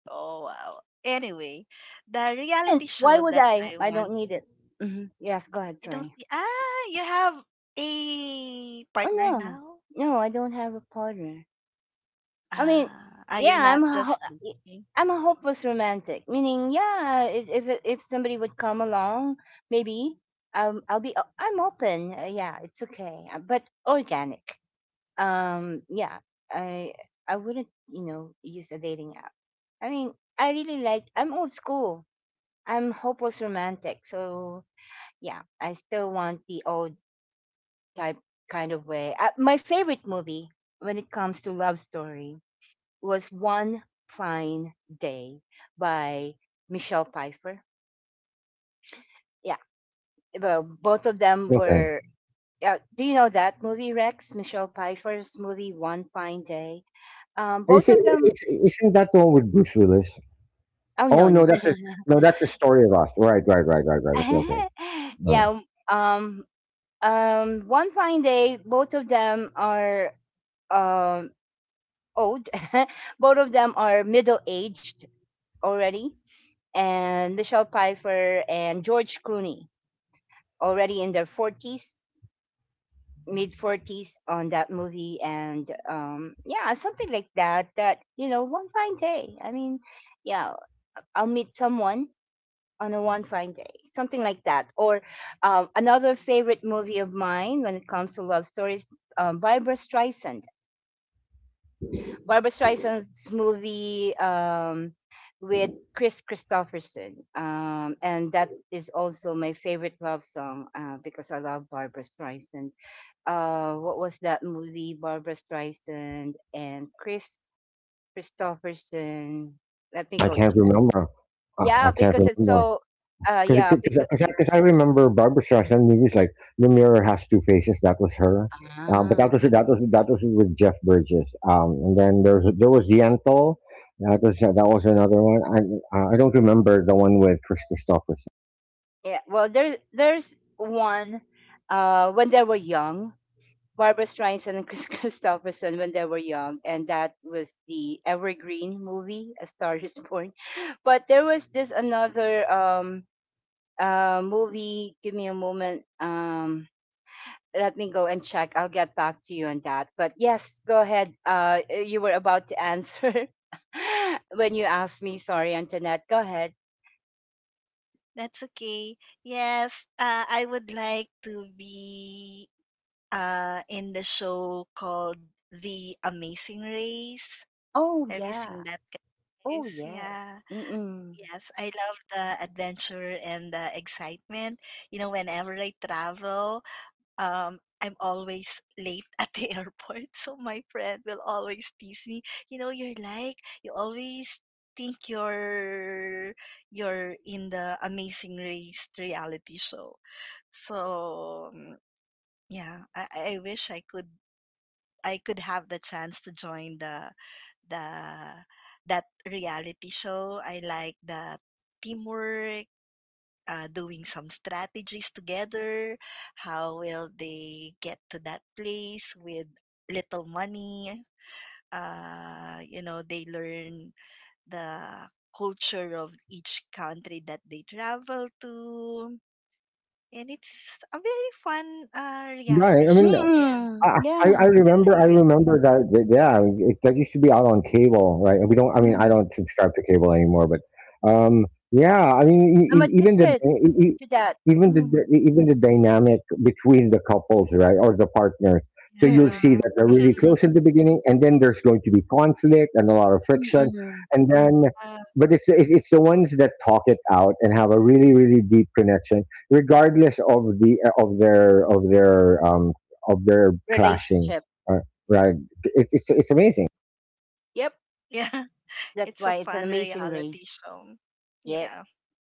Speaker 3: Oh, wow. Anyway, the reality
Speaker 1: didn't. Why
Speaker 3: show
Speaker 1: would
Speaker 3: that
Speaker 1: I?
Speaker 3: I
Speaker 1: I don't
Speaker 3: want.
Speaker 1: need it. Hmm Yes, go ahead.
Speaker 3: You don't.
Speaker 1: Sorry.
Speaker 3: Ah, you have a
Speaker 1: Oh,
Speaker 3: partner
Speaker 1: no.
Speaker 3: now.
Speaker 1: No, I don't have a partner. I mean,
Speaker 3: Ah, ah, you're
Speaker 1: yeah,
Speaker 3: not just
Speaker 1: y-
Speaker 3: looking.
Speaker 1: I'm a hopeless romantic, meaning, yeah, if somebody would come along, maybe I'm open. Yeah, it's okay, but organic. Yeah, I I wouldn't use a dating app. I mean, I really like I'm old school. I'm hopeless romantic, so yeah, I still want the old type kind of way. My favorite movie when it comes to love story was One Fine Day by Michelle Pfeiffer. Yeah, well, both of them
Speaker 2: Okay.
Speaker 1: were. Do you know that movie, Rex? Michelle Pfeiffer's movie, One Fine Day. Both of them.
Speaker 2: Isn't that the one with Bruce Willis?
Speaker 1: Oh
Speaker 2: Oh
Speaker 1: no, no.
Speaker 2: no, no, that's the story of us. Right, right, right, right, right. Okay, okay. All right.
Speaker 1: yeah. Um. One Fine Day. Both of them are um old. Both of them are middle aged already, and Michelle Pfeiffer and George Clooney already in their 40s, mid 40s on that movie. And yeah, something like that. That, you know, one fine day. I mean, yeah, I'll meet someone on a one fine day, something like that. Or another favorite movie of mine when it comes to love stories, Barbara Streisand. Barbara Streisand's movie with Chris Christopherson. And that is also my favorite love song because I love Barbara Streisand. What was that movie? Barbara Streisand and Chris Christopherson. Let me
Speaker 2: I
Speaker 1: go.
Speaker 2: can't
Speaker 1: Check.
Speaker 2: remember.
Speaker 1: Yeah,
Speaker 2: I can't
Speaker 1: because it's
Speaker 2: remember.
Speaker 1: so. Yeah, because
Speaker 2: 'Cause I remember Barbara Streisand movies like The Mirror Has Two Faces. That was her, but
Speaker 1: ah,
Speaker 2: that was with Jeff Bridges. And then there was Yentl. That was another one. I don't remember the one with Chris Christopherson.
Speaker 1: yeah. Well, there's one. When they were young, Barbara Streisand and Chris Christopherson when they were young, and that was the Evergreen movie, A Star Is Born. But there was this another movie. Give me a moment. Let me go and check. I'll get back to you on that. But yes, go ahead. You were about to answer when you asked me. Sorry, Antoinette. Go ahead.
Speaker 3: That's okay. Yes, I would like to be in the show called The Amazing Race.
Speaker 1: Oh
Speaker 3: Have you
Speaker 1: yeah.
Speaker 3: seen that,
Speaker 1: Oh
Speaker 3: guys?
Speaker 1: yes.
Speaker 3: Yeah.
Speaker 1: Mm mm.
Speaker 3: Yes, I love the adventure and the excitement. You know, whenever I travel, I'm always late at the airport. So my friend will always tease me. You know, you're like, you always think you're in the amazing race reality show. So mm, yeah, I wish I could have the chance to join the that reality show. I like the teamwork, doing some strategies together. How will they get to that place with little money? You know, they learn the culture of each country that they travel to. And it's a very fun reality
Speaker 2: Right. I
Speaker 1: Mm
Speaker 2: mean,
Speaker 3: show and
Speaker 1: mm. Yeah.
Speaker 3: can
Speaker 2: I
Speaker 3: really,
Speaker 2: remember that that used to be out on cable, right. we don't I mean I
Speaker 1: Mm.
Speaker 2: don't subscribe to cable anymore, but um yeah I mean,
Speaker 1: I'm addicted to that.
Speaker 2: even the
Speaker 1: Mm.
Speaker 2: dynamic between the couples, right, or the partners, so you'll
Speaker 3: yeah.
Speaker 2: see
Speaker 1: Mm.
Speaker 2: that they're really close at the beginning, and then there's going to be conflict and a lot of friction,
Speaker 1: Mm.
Speaker 2: and then
Speaker 3: Uh,
Speaker 2: but it's the ones that talk it out and have a really, really deep connection regardless of the of their of their of their clashing.
Speaker 1: Relationship.
Speaker 2: Uh,
Speaker 1: Yeah.
Speaker 2: right? It's amazing.
Speaker 1: Yep.
Speaker 3: yeah,
Speaker 1: That's
Speaker 3: it's a
Speaker 1: why it's an
Speaker 3: fun
Speaker 1: amazing
Speaker 3: reality
Speaker 1: race.
Speaker 3: show. Yeah.
Speaker 1: Yes.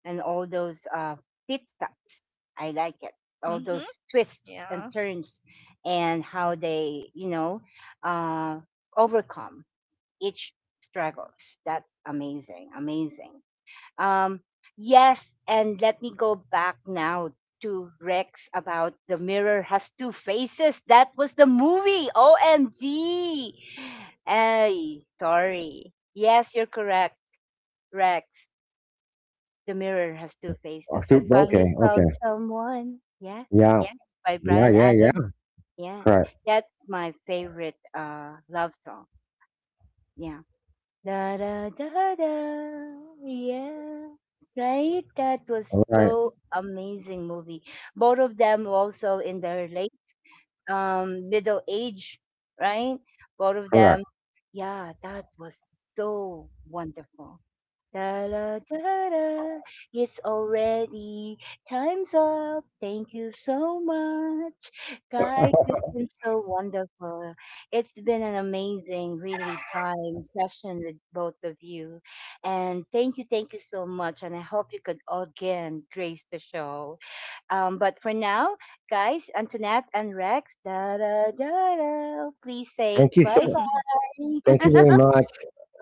Speaker 1: And all those pit stops. I like it. All
Speaker 3: Mm-hmm.
Speaker 1: those twists and
Speaker 3: Yeah.
Speaker 1: turns, and how they, you know, uh, overcome each struggles. That's amazing. Amazing. Um, yes, and let me go back now to Rex about The Mirror Has Two Faces. That was the movie. OMG. Ay, sorry. Yes, you're correct, Rex. The Mirror Has
Speaker 2: Yeah.
Speaker 1: Two Faces.
Speaker 2: Okay,
Speaker 1: I finally
Speaker 2: okay,
Speaker 1: found someone. Yeah,
Speaker 2: yeah,
Speaker 1: yeah. By
Speaker 2: yeah,
Speaker 1: Brian
Speaker 2: yeah, yeah.
Speaker 1: Adams. Yeah,
Speaker 2: Correct,
Speaker 1: that's my favorite love song. Yeah. Da da da da. Yeah. Right? That was
Speaker 2: right,
Speaker 1: so amazing movie. Both of them also in their late middle age, right? Both of
Speaker 2: correct.
Speaker 1: them. Yeah, that was so wonderful. Da da da da. It's already time's up. Thank you so much, guys. It's been so wonderful. It's been an amazing, really time session with both of you, and thank you so much. And I hope you could again grace the show. But for now, guys, Antoinette and Rex, da da da da. Please say
Speaker 2: Thank you
Speaker 1: bye
Speaker 2: so.
Speaker 1: bye.
Speaker 2: Thank you very much.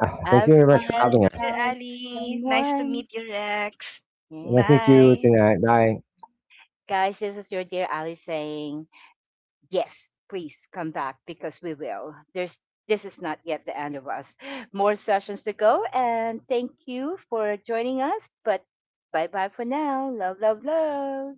Speaker 2: Thank you
Speaker 1: I've
Speaker 2: very much for
Speaker 3: Thank
Speaker 1: finally
Speaker 3: you,
Speaker 2: having
Speaker 3: dear
Speaker 2: us.
Speaker 1: found
Speaker 3: Ali. Nice to
Speaker 1: someone.
Speaker 3: meet you, Rex.
Speaker 2: Nice to
Speaker 1: Yeah.
Speaker 2: meet you
Speaker 3: Bye.
Speaker 2: tonight. Bye.
Speaker 1: Guys, this is your dear Ali saying, yes, please come back because we will. There's this is not yet the end of us. More sessions to go, and thank you for joining us. But bye bye for now. Love, love, love.